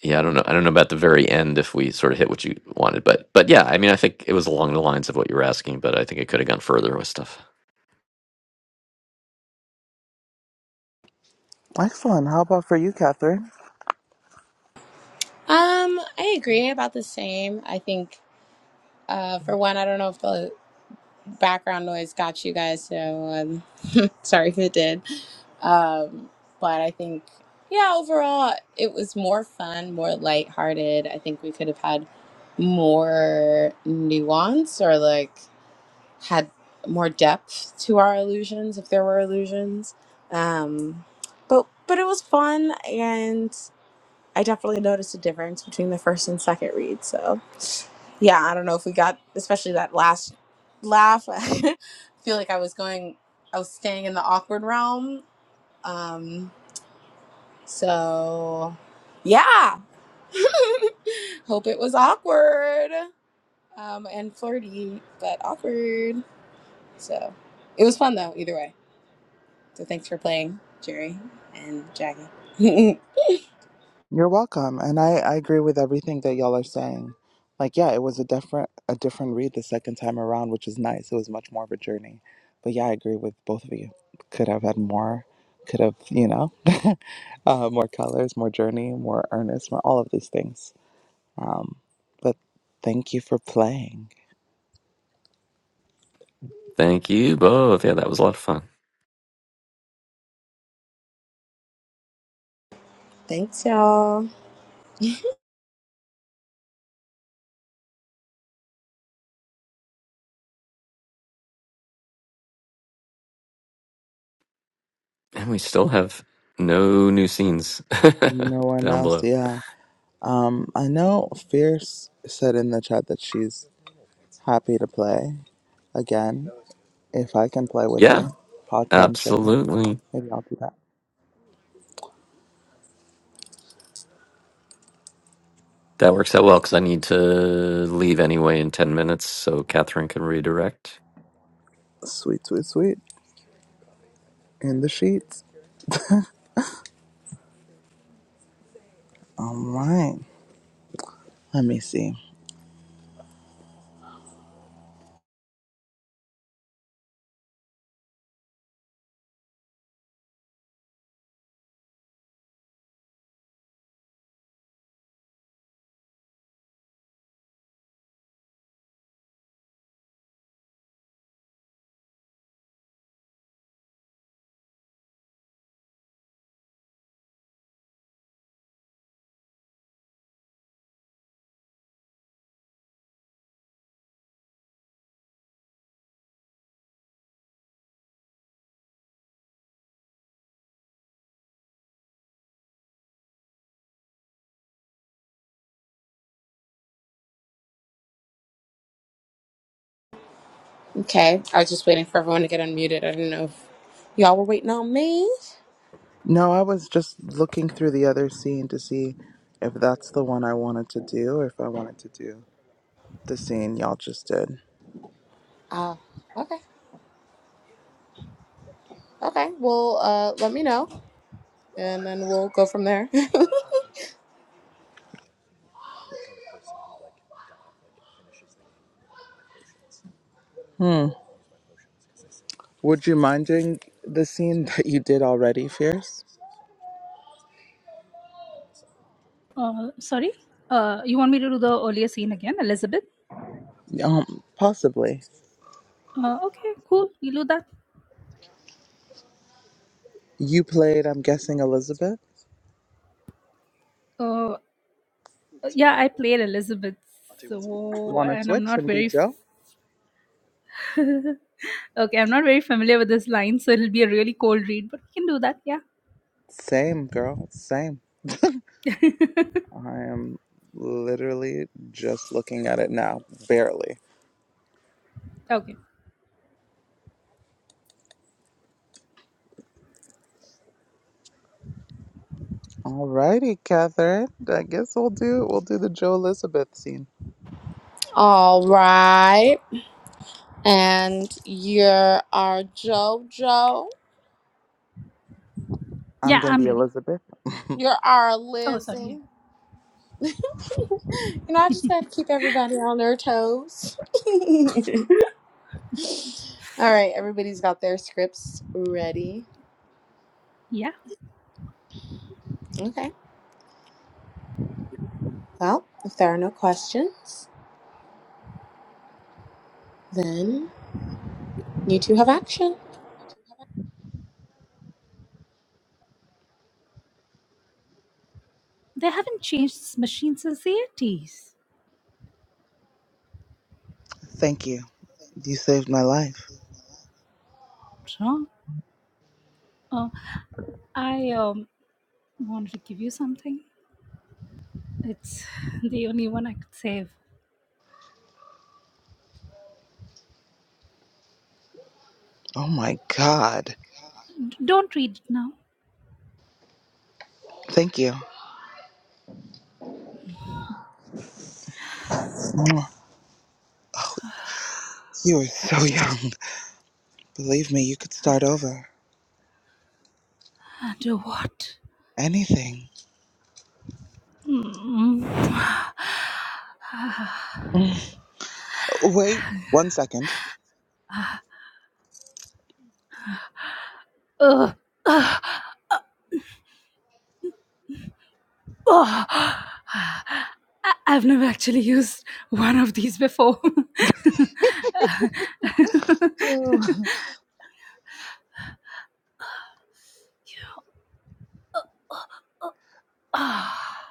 S1: Yeah, I don't know. I don't know about the very end if we sort of hit what you wanted, but but yeah, I mean, I think it was along the lines of what you were asking, but I think it could have gone further with stuff.
S5: Excellent. How about for you, Catherine?
S6: Um, I agree about the same. I think, uh, for one, I don't know if the background noise got you guys, so um, sorry if it did. Um, but I think, yeah, overall, it was more fun, more lighthearted. I think we could have had more nuance or like had more depth to our illusions if there were illusions. Um, but but it was fun, and I definitely noticed a difference between the first and second read. So yeah i don't know if we got especially that last laugh i feel like i was going i was staying in the awkward realm um so yeah hope it was awkward um and flirty but awkward so it was fun though either way so thanks for playing jerry and jackie
S5: You're welcome. And I, I agree with everything that y'all are saying. Like, yeah, it was a different a different read the second time around, which is nice. It was much more of a journey. But yeah, I agree with both of you. Could have had more. Could have, you know, uh, more colors, more journey, more earnest, more all of these things. Um, but thank you for playing.
S1: Thank you both. Yeah, that was a lot of fun,
S6: thanks y'all
S1: and we still have no new scenes
S5: No one
S1: down
S5: else,
S1: below.
S5: yeah. Um, I know Fierce said in the chat that she's happy to play again if I can play with
S1: Yeah,
S5: her, potentially.
S1: absolutely.
S5: Maybe I'll do that.
S1: That works out well because I need to leave anyway in ten minutes, so Catherine can redirect.
S5: Sweet, sweet, sweet. In the sheets. All right. Let me see.
S6: okay i was just waiting for everyone to get unmuted i didn't know if y'all were waiting on me
S5: No, I was just looking through the other scene to see if that's the one I wanted to do or if I wanted to do the scene y'all just did.
S6: uh okay Okay. Well, uh, let me know, and then we'll go from there.
S5: Hmm. Would you mind doing the scene that you did already, Fierce?
S4: Uh, sorry, uh, you want me to do the earlier scene again, Elizabeth?
S5: Um, possibly.
S4: Uh, okay, cool. We'll do that.
S5: You played, I'm guessing, Elizabeth.
S4: Uh, Uh, Yeah, I played Elizabeth, so
S5: Want to
S4: and I'm
S5: switch
S4: not
S5: and be
S4: very
S5: Joe?
S4: f- okay. I'm not very familiar with this line, so it'll be a really cold read, but we can do that. Yeah.
S5: Same, girl. Same. I am literally just looking at it now, barely.
S4: okay.
S5: Alrighty, Catherine. I guess we'll do we'll do the Joe Elizabeth scene.
S6: All right. And you're our JoJo.
S5: I'm
S4: Yeah,
S5: gonna be
S4: I'm ready.
S5: Elizabeth.
S6: You're our
S4: Oh, sorry.
S6: Lizzie. You know, I just
S4: Yeah.
S6: got to keep everybody on their toes. All right, everybody's got their scripts ready.
S4: yeah.
S6: Okay. Well, if there are no questions, then you two have action.
S4: They haven't changed this machine since the 80s.
S5: Thank you. You saved my life.
S4: What's Wrong. Uh, I um, wanted to give you something. It's the only one I could save.
S5: Oh my God.
S4: D- don't read it now.
S5: Thank you. Oh, You were so young. Believe me, you could start over.
S4: Uh, Do what?
S5: Anything.
S4: Mm. Ugh.
S5: Mm. Wait one second.
S4: Ugh. Uh, Oh. I- I've never actually used one of these before.
S5: Oh,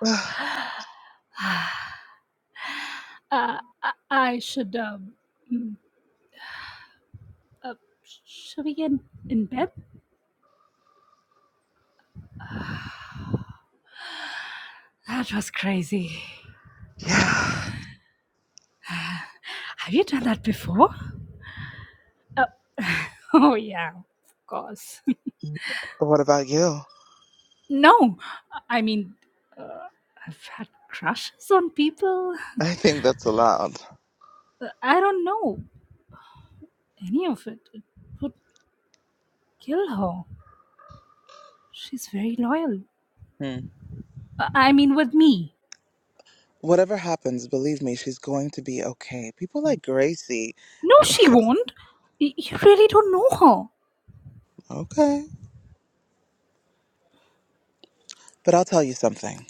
S4: Ah. uh, I I should. Um, mm, uh, should we get in bed? That was crazy.
S5: yeah.
S4: Have you done that before? Uh, oh, yeah, of course.
S5: What about you?
S4: no, I mean, uh, I've had crushes on people.
S5: I think that's allowed.
S4: Uh, I don't know any of it. It would kill her. She's very loyal.
S5: Hmm.
S4: Uh, I mean, with me.
S5: Whatever happens, believe me, she's going to be okay. People like Gracie.
S4: No, she won't. Y- you really don't know her.
S5: okay. But I'll tell you something.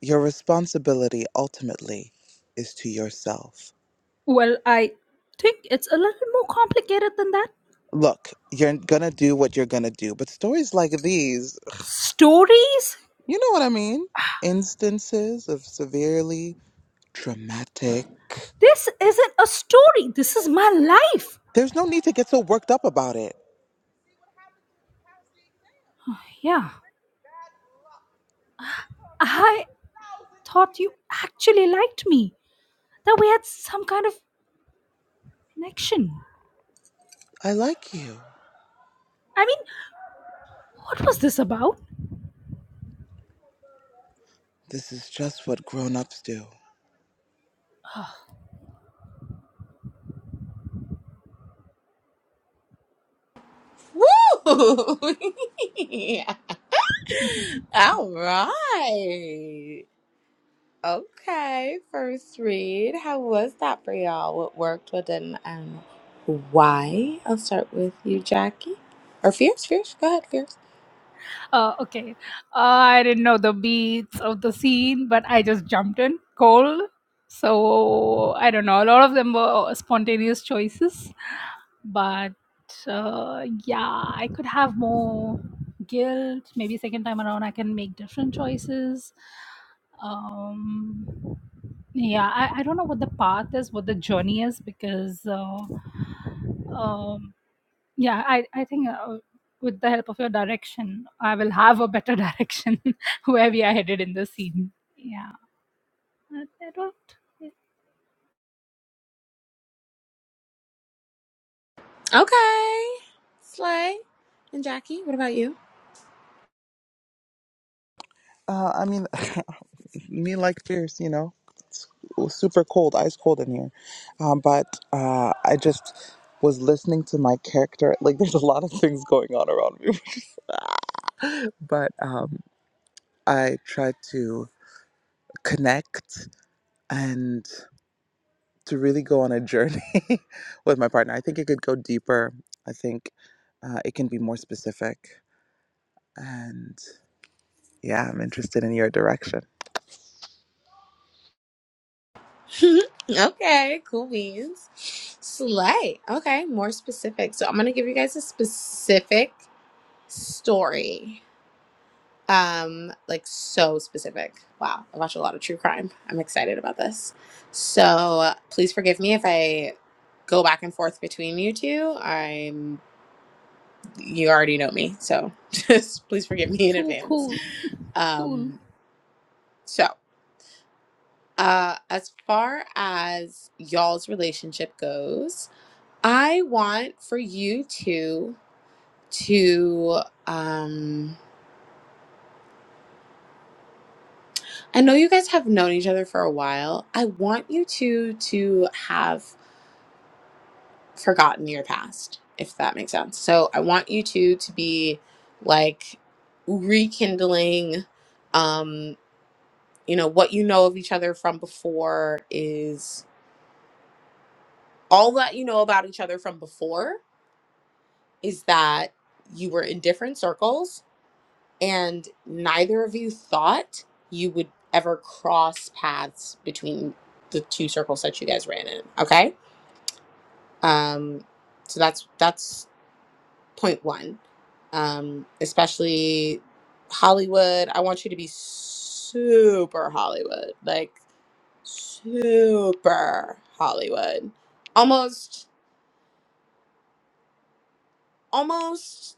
S5: Your responsibility ultimately is to yourself.
S4: Well, I think it's a little more complicated than that.
S5: Look, you're going to do what you're going to do. But stories like these,
S4: Stories?
S5: you know what I mean? Instances of severely traumatic.
S4: This isn't a story. This is my life.
S5: There's no need to get so worked up about it.
S4: Yeah, I thought you actually liked me, that we had some kind of connection.
S5: I like you.
S4: I mean, what was this about?
S5: This is just what grown ups do.
S6: Woo! yeah. All right. Okay, first read. How was that for y'all? What worked, what didn't, and why? I'll start with you, Jackie. Or Fierce, Fierce. Go ahead, Fierce.
S4: Uh, okay. I didn't know the beats of the scene, but I just jumped in cold. So I don't know. A lot of them were spontaneous choices, but uh, yeah, I could have more guilt. Maybe second time around, I can make different choices. Um, Yeah, I, I don't know what the path is, what the journey is, because uh, um, yeah, I, I think uh, with the help of your direction, I will have a better direction where we are headed in the scene. Yeah, I, I don't.
S6: Okay. Slay. And Jackie, what about you?
S5: Uh, I mean, me like fierce, you know. It's super cold, ice cold in here. Um, but uh, I just was listening to my character. Like, there's a lot of things going on around me. but um, I tried to connect and to really go on a journey with my partner. I think it could go deeper. I think uh, it can be more specific. And yeah, I'm interested in your direction.
S6: okay, cool beans. Slay. Okay, more specific. So I'm going to give you guys a specific story um like so specific wow i watch a lot of true crime i'm excited about this so uh, please forgive me if i go back and forth between you two i'm you already know me so just please forgive me in
S4: Cool,
S6: advance
S4: cool, cool.
S6: um so uh as far as y'all's relationship goes i want for you two to um I know you guys have known each other for a while. I want you two to have forgotten your past, if that makes sense. So I want you two to be like rekindling um you know what you know of each other from before is all that you know about each other from before is that you were in different circles and neither of you thought you would ever cross paths between the two circles that you guys ran in, okay? Um, so that's that's point one. Um, especially Hollywood. I want you to be super Hollywood, like super Hollywood. Almost almost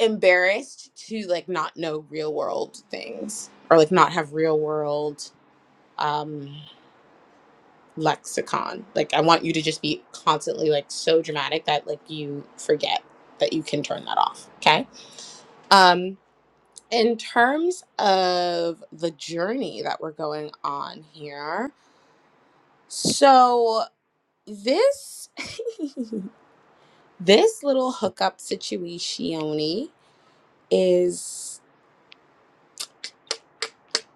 S6: embarrassed to like not know real world things or like not have real world um lexicon. Like I want you to just be constantly like so dramatic that like you forget that you can turn that off. Okay. Um, In terms of the journey that we're going on here, so this this little hookup situation is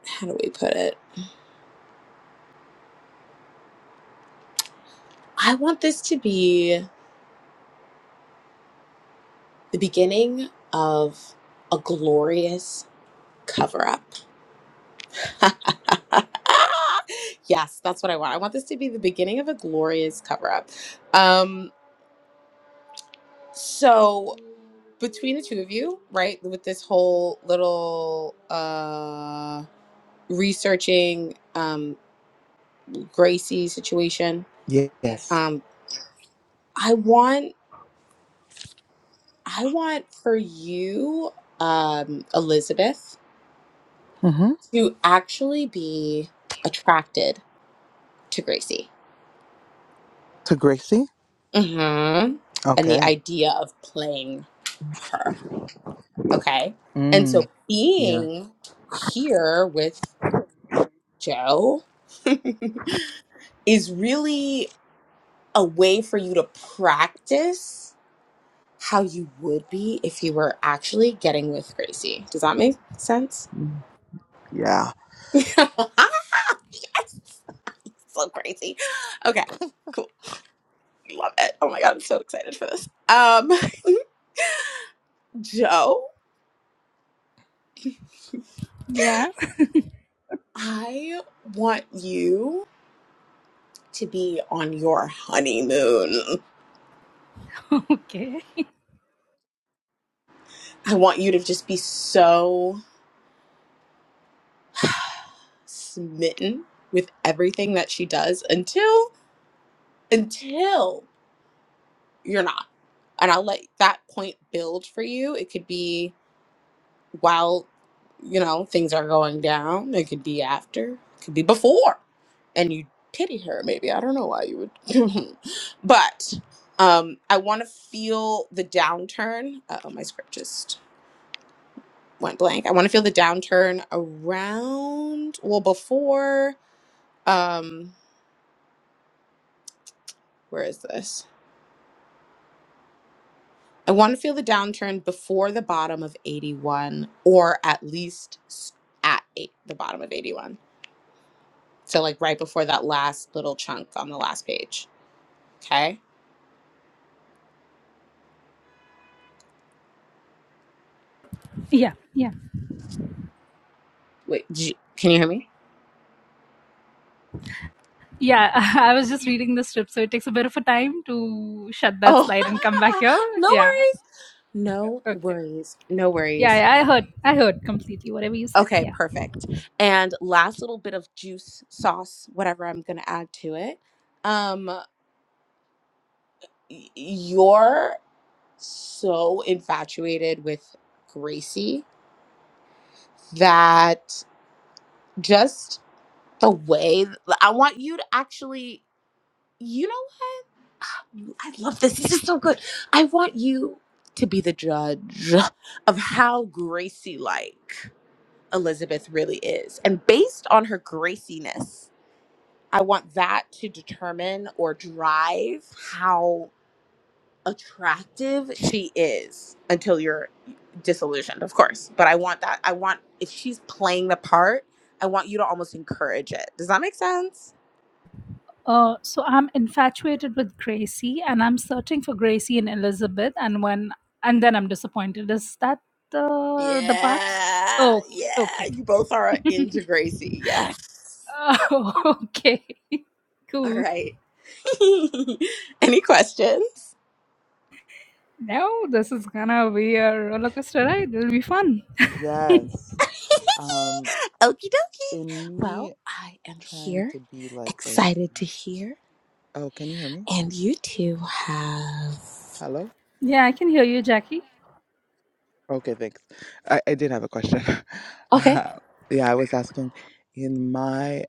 S6: how do we put it? I want this to be the beginning of a glorious cover up. yes, that's what I want. I want this to be the beginning of a glorious cover up. Um so between the two of you, right, with this whole little uh researching um Gracie situation,
S5: Yes.
S6: um I want I want for you um Elizabeth
S5: Mm-hmm.
S6: to actually be attracted to Gracie.
S5: To Gracie?
S6: Mhm. And the
S5: Okay.
S6: idea of playing her, okay? And
S5: Mm.
S6: so
S5: Yeah.
S6: being here with Joe is really a way for you to practice how you would be if you were actually getting with Gracie. Does that make sense?
S5: Yeah.
S6: yes, so crazy. Okay, cool. Love it. Oh my god, I'm so excited for this. Um, Joe,
S4: Yeah.
S6: I want you to be on your honeymoon.
S4: Okay.
S6: I want you to just be so smitten with everything that she does until until you're not. And I'll let that point build for you. It could be while, you know, things are going down. It could be after. It could be before. And you pity her, maybe. I don't know why you would. but um, I want to feel the downturn. Uh oh, my script just went blank. I want to feel the downturn around, well, before, um, where is this? I want to feel the downturn before the bottom of 81 or at least s- at eight, the bottom of 81. So like right before that last little chunk on the last page. Okay?
S4: Yeah, yeah,
S6: Wait, did you- can you hear me?
S4: yeah. I was just reading the script, so it takes a bit of a time to shut that
S6: Oh.
S4: slide and come back here.
S6: no
S4: Yeah.
S6: worries. No
S4: Okay.
S6: worries. No
S4: Yeah,
S6: worries.
S4: yeah I heard. I heard completely whatever you said.
S6: Okay,
S4: Yeah.
S6: perfect. And last little bit of juice sauce whatever I'm going to add to it. Um y- you're so infatuated with Gracie that just the way I want you to actually, you know what? I love this. This is so good. I want you to be the judge of how Gracie like Elizabeth really is. And based on her Graciness, I want that to determine or drive how attractive she is until you're disillusioned, of course. But I want that. I want if she's playing the part, I want you to almost encourage it. Does that make sense?
S4: Uh, so I'm infatuated with Gracie, and I'm searching for Gracie and Elizabeth, and when and then I'm disappointed. Is that the the part?
S6: Yeah,
S4: Okay,
S6: yeah.
S4: okay,
S6: You both are into Gracie. Yes.
S4: oh, okay,
S6: All
S4: cool.
S6: right. Any questions?
S4: Now this is gonna be a roller coaster ride. It'll be fun.
S5: Yes. Um,
S6: Okie dokie.
S5: in
S6: Well,
S5: me
S6: I am
S5: trying
S6: here,
S5: to be like Gracie.
S6: excited to hear,
S5: Oh, can you hear me?
S6: and you two have.
S5: Hello?
S4: Yeah, I can hear you, Jackie.
S5: Okay, thanks. I, I did have a question.
S6: okay.
S5: Uh, yeah, I was asking, in my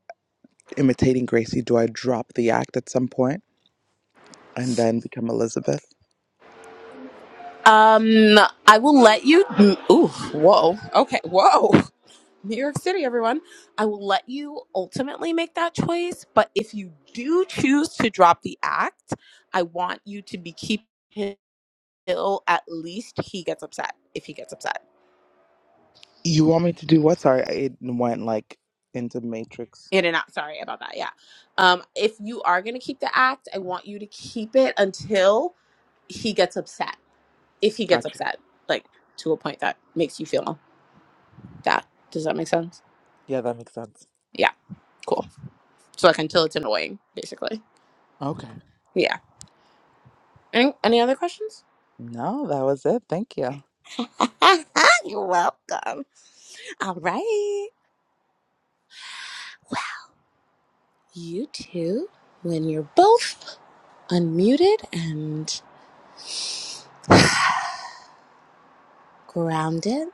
S5: imitating Gracie, do I drop the act at some point and then become Elizabeth?
S6: Um, I will let you. mm, Ooh, whoa. Okay, whoa. New York City, everyone. I will let you ultimately make that choice, but if you do choose to drop the act, I want you to be keeping him till at least he gets upset. If he gets upset,
S5: You want me to do what? Sorry, I- it went like into Matrix.
S6: in and out. Sorry about that. Yeah. Um, if you are gonna keep the act, I want you to keep it until he gets upset. If he gets
S5: Gotcha.
S6: upset, like to a point that makes you feel that. Does that make sense?
S5: Yeah, that makes sense.
S6: Yeah. Cool. so I can tell it's annoying, basically.
S5: Okay.
S6: Yeah. Any, any other questions?
S5: No, that was it. Thank you.
S6: You're welcome. All right. Well, You two, when you're both unmuted and grounded,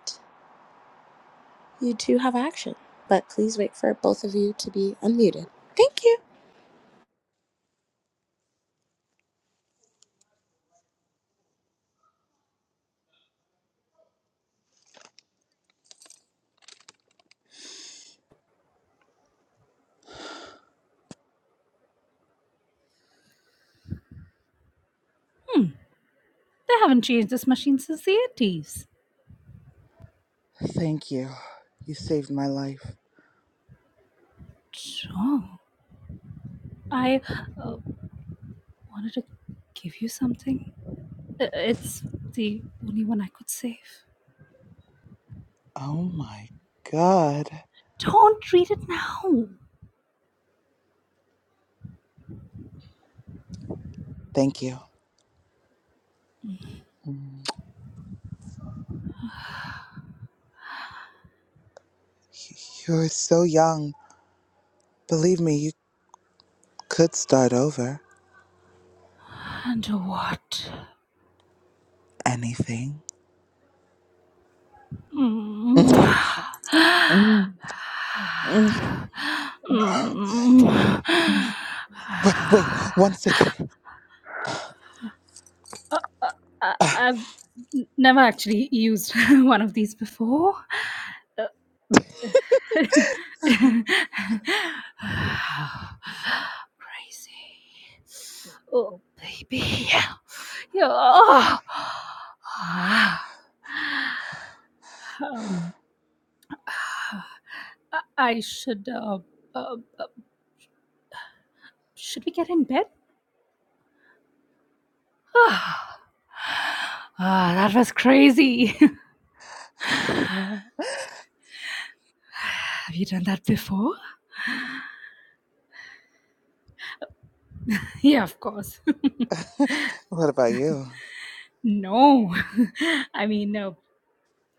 S6: you do have action. But please wait for both of you to be unmuted. Thank you.
S4: They haven't changed this machine since the eighties.
S5: Thank you. You saved my life.
S4: Oh, I uh, wanted to give you something. I- It's the only one I could save.
S5: Oh my God.
S4: Don't read it now.
S5: Thank you. Mm. Y- You're so young. Believe me, you could start over.
S4: And what?
S5: Anything.
S4: Mm.
S5: Mm. Mm. mm.
S4: Mm.
S5: Wait, wait one second.
S4: Uh, uh, uh,
S5: Uh,
S4: I've n- never actually used one of these before. Uh, Crazy. Oh, baby. Yeah. Yeah. Um, I I should, uh, uh, uh, should we get in bed? ah, that was crazy.
S5: Yeah.
S4: Have you done that before? Yeah, of course.
S5: what about you?
S4: no, I mean, no,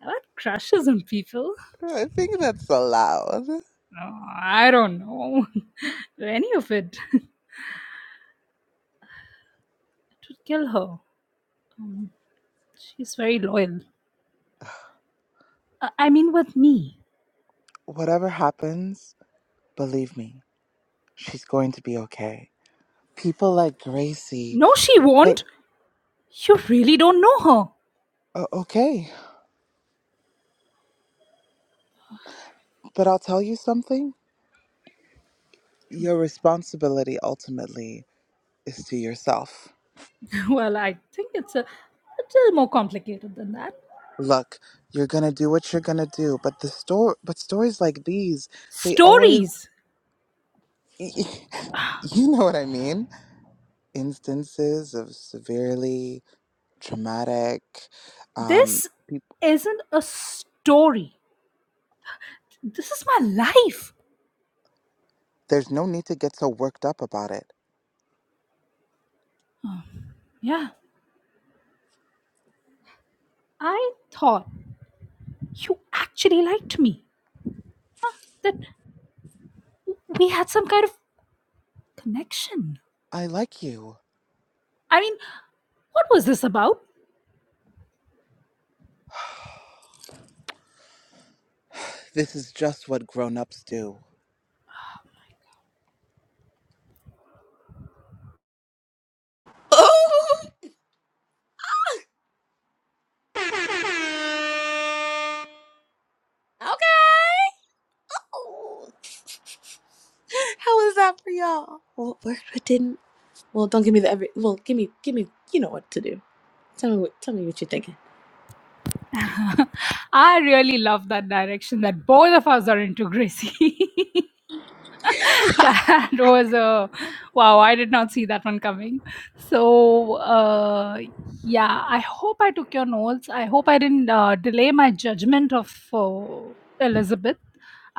S4: that crushes on people.
S5: I think that's allowed.
S4: No, I don't know. Any of it. it would kill her. She's very loyal. Uh, I mean, with me.
S5: Whatever happens, believe me, she's going to be okay. People like Gracie,
S4: No, she
S5: they
S4: won't. You really don't know her.
S5: uh, okay. But I'll tell you something your responsibility ultimately is to yourself.
S4: well, I think it's a little more complicated than that.
S5: Look, you're going to do what you're going to do, but the store but stories like these, they always
S4: Stories.
S5: you know what I mean? Instances of severely traumatic um
S4: This
S5: peop
S4: isn't a story. This is my life.
S5: there's no need to get so worked up about it.
S4: Yeah. I thought you actually liked me, that we had some kind of connection.
S5: I like you.
S4: I mean, what was this about?
S5: This is just what grown-ups do.
S6: Oh, Okay. Oh. How was that for y'all? What worked? What didn't? Well, don't give me the every. Well, give me, give me. You know what to do. Tell me what. Tell me what you're thinking.
S4: I really love that direction that both of us are into, Gracie.
S6: yes.
S4: that was a wow i did not see that one coming so uh, yeah i hope i took your notes i hope i didn't uh, delay my judgment of uh, elizabeth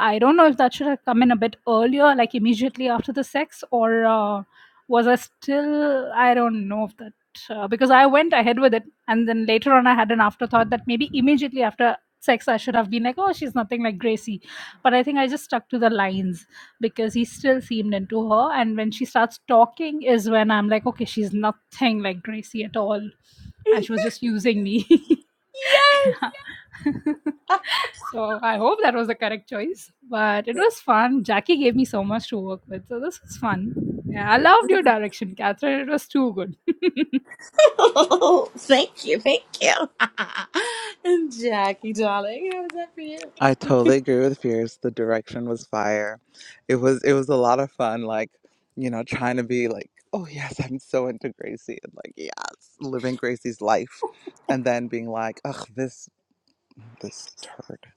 S4: i don't know if that should have come in a bit earlier like immediately after the sex or uh, was i still i don't know if that uh, because i went ahead with it and then later on i had an afterthought that maybe immediately after sex i should have been like oh she's nothing like gracie but i think i just stuck to the lines because he still seemed into her and when she starts talking is when i'm like okay she's nothing like gracie at all and she was just using me Yeah. so i hope that was the correct choice but it was fun jackie gave me so much to work with so this was fun yeah i loved your direction catherine it was too good
S6: Oh, thank you. Thank you. and Jackie, darling, how was that for
S5: I totally agree with Fierce. The direction was fire. It was it was a lot of fun, like, you know, trying to be like, oh yes, I'm so into Gracie and like, yes, living Gracie's life. And then being like, ugh, this this turd,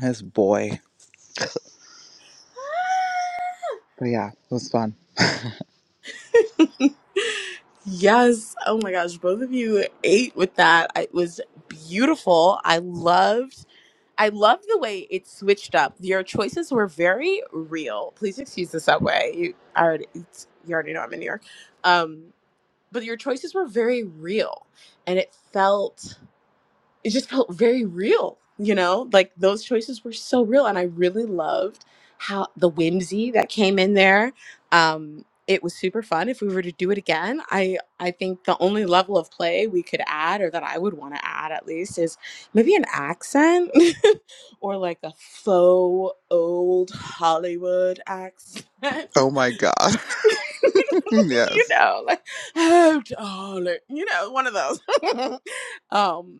S5: this boy. But yeah, it was fun.
S6: you? yes. Oh my gosh, both of you ate with that. I- It was beautiful. I loved. I love the way it switched up. Your choices were very real. Please excuse the subway. You I already it's, you already know I'm in New York, um, but your choices were very real, and it felt it just felt very real, you know? Like those choices were so real. And I really loved how the whimsy that came in there. Um, it was super fun. If we were to do it again, I I think the only level of play we could add, or that I would want to add at least, is maybe an accent or like a faux old Hollywood accent.
S5: Oh my god.
S6: you
S5: yes.
S6: know, like, oh, darling, you know, one of those. um,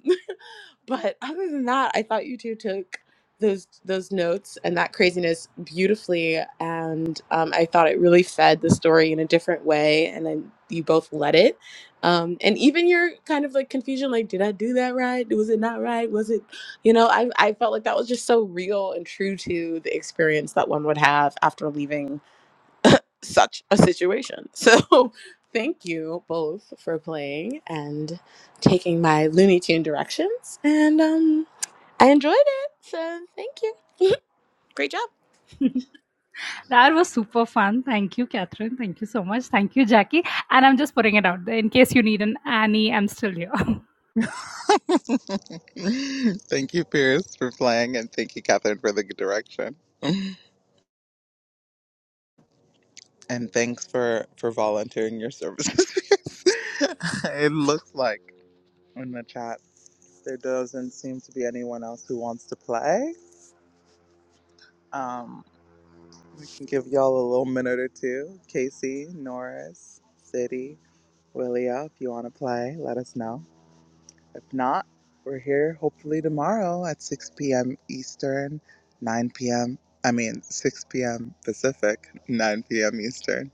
S6: but other than that, I thought you two took those those notes and that craziness beautifully, and um, I thought it really fed the story in a different way, and then you both let it. Um, and even your kind of like confusion, like, did I do that right? Was it not right? Was it, you know, I, I felt like that was just so real and true to the experience that one would have after leaving such a situation. So thank you both for playing and taking my Looney Tune directions. And um I enjoyed it. So thank you. Great job.
S4: that was super fun thank you catherine thank you so much thank you jackie and i'm just putting it out there in case you need an annie i'm still here
S5: thank you, Pierce, for playing and thank you, Catherine, for the good direction. And thanks for for volunteering your services. it looks like. in the chat. There doesn't seem to be anyone else who wants to play. Um, we can give y'all a little minute or two. Casey, Norris, City, Willia, if you want to play, let us know. If not, we're here hopefully tomorrow at 6 p.m. Eastern, 9 p.m. I mean, 6 p.m. Pacific, 9 p.m. Eastern.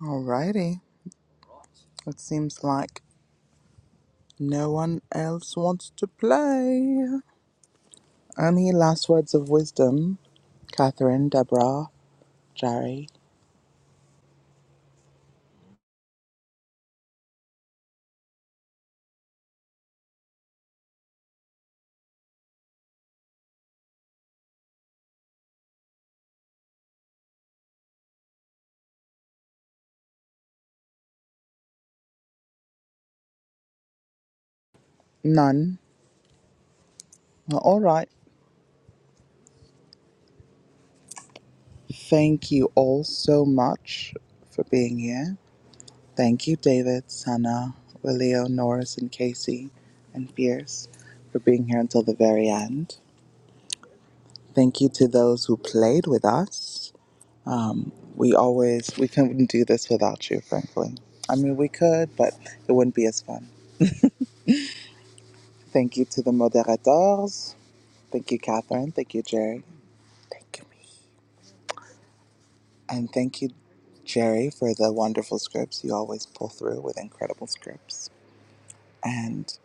S5: Alrighty. It seems like no one else wants to play. Any last words of wisdom Catherine, Deborah, Jerry. None. Well, All right. Thank you all so much for being here. Thank you, David, Sana, Willio, Norris, and Casey, and Fierce for being here until the very end. Thank you to those who played with us. Um, we always we couldn't do this without you, frankly. I mean, we could, but it wouldn't be as fun. Thank you to the moderators. Thank you, Catherine. Thank you, Jerry. Thank you. And thank you, Jerry, for the wonderful scripts. You always pull through with incredible scripts. And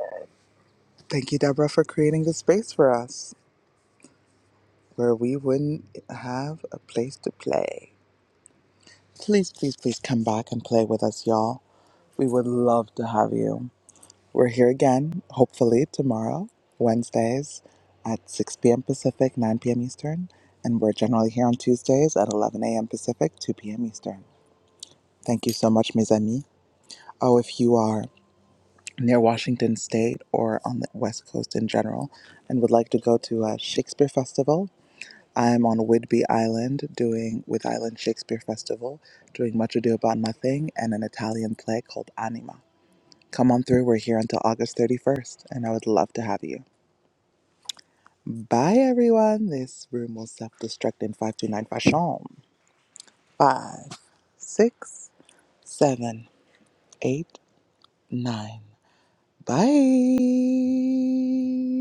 S5: thank you, Deborah, for creating the space for us where we wouldn't have a place to play. Please, please, please come back and play with us, y'all. We would love to have you. We're here again, hopefully tomorrow, Wednesdays at 6 p.m. Pacific, 9 p.m. Eastern. And we're generally here on Tuesdays at 11 a.m. Pacific, 2 p.m. Eastern. Thank you so much, mes amis. Oh, if you are near Washington State or on the West Coast in general and would like to go to a Shakespeare Festival, I'm on Whidbey Island doing with Island Shakespeare Festival, doing Much Ado About Nothing and an Italian play called Anima. Come on through, we're here until August 31st, and I would love to have you. Bye, everyone. This room will self destruct in 529 fashion. Five, six, seven, eight, nine. Bye.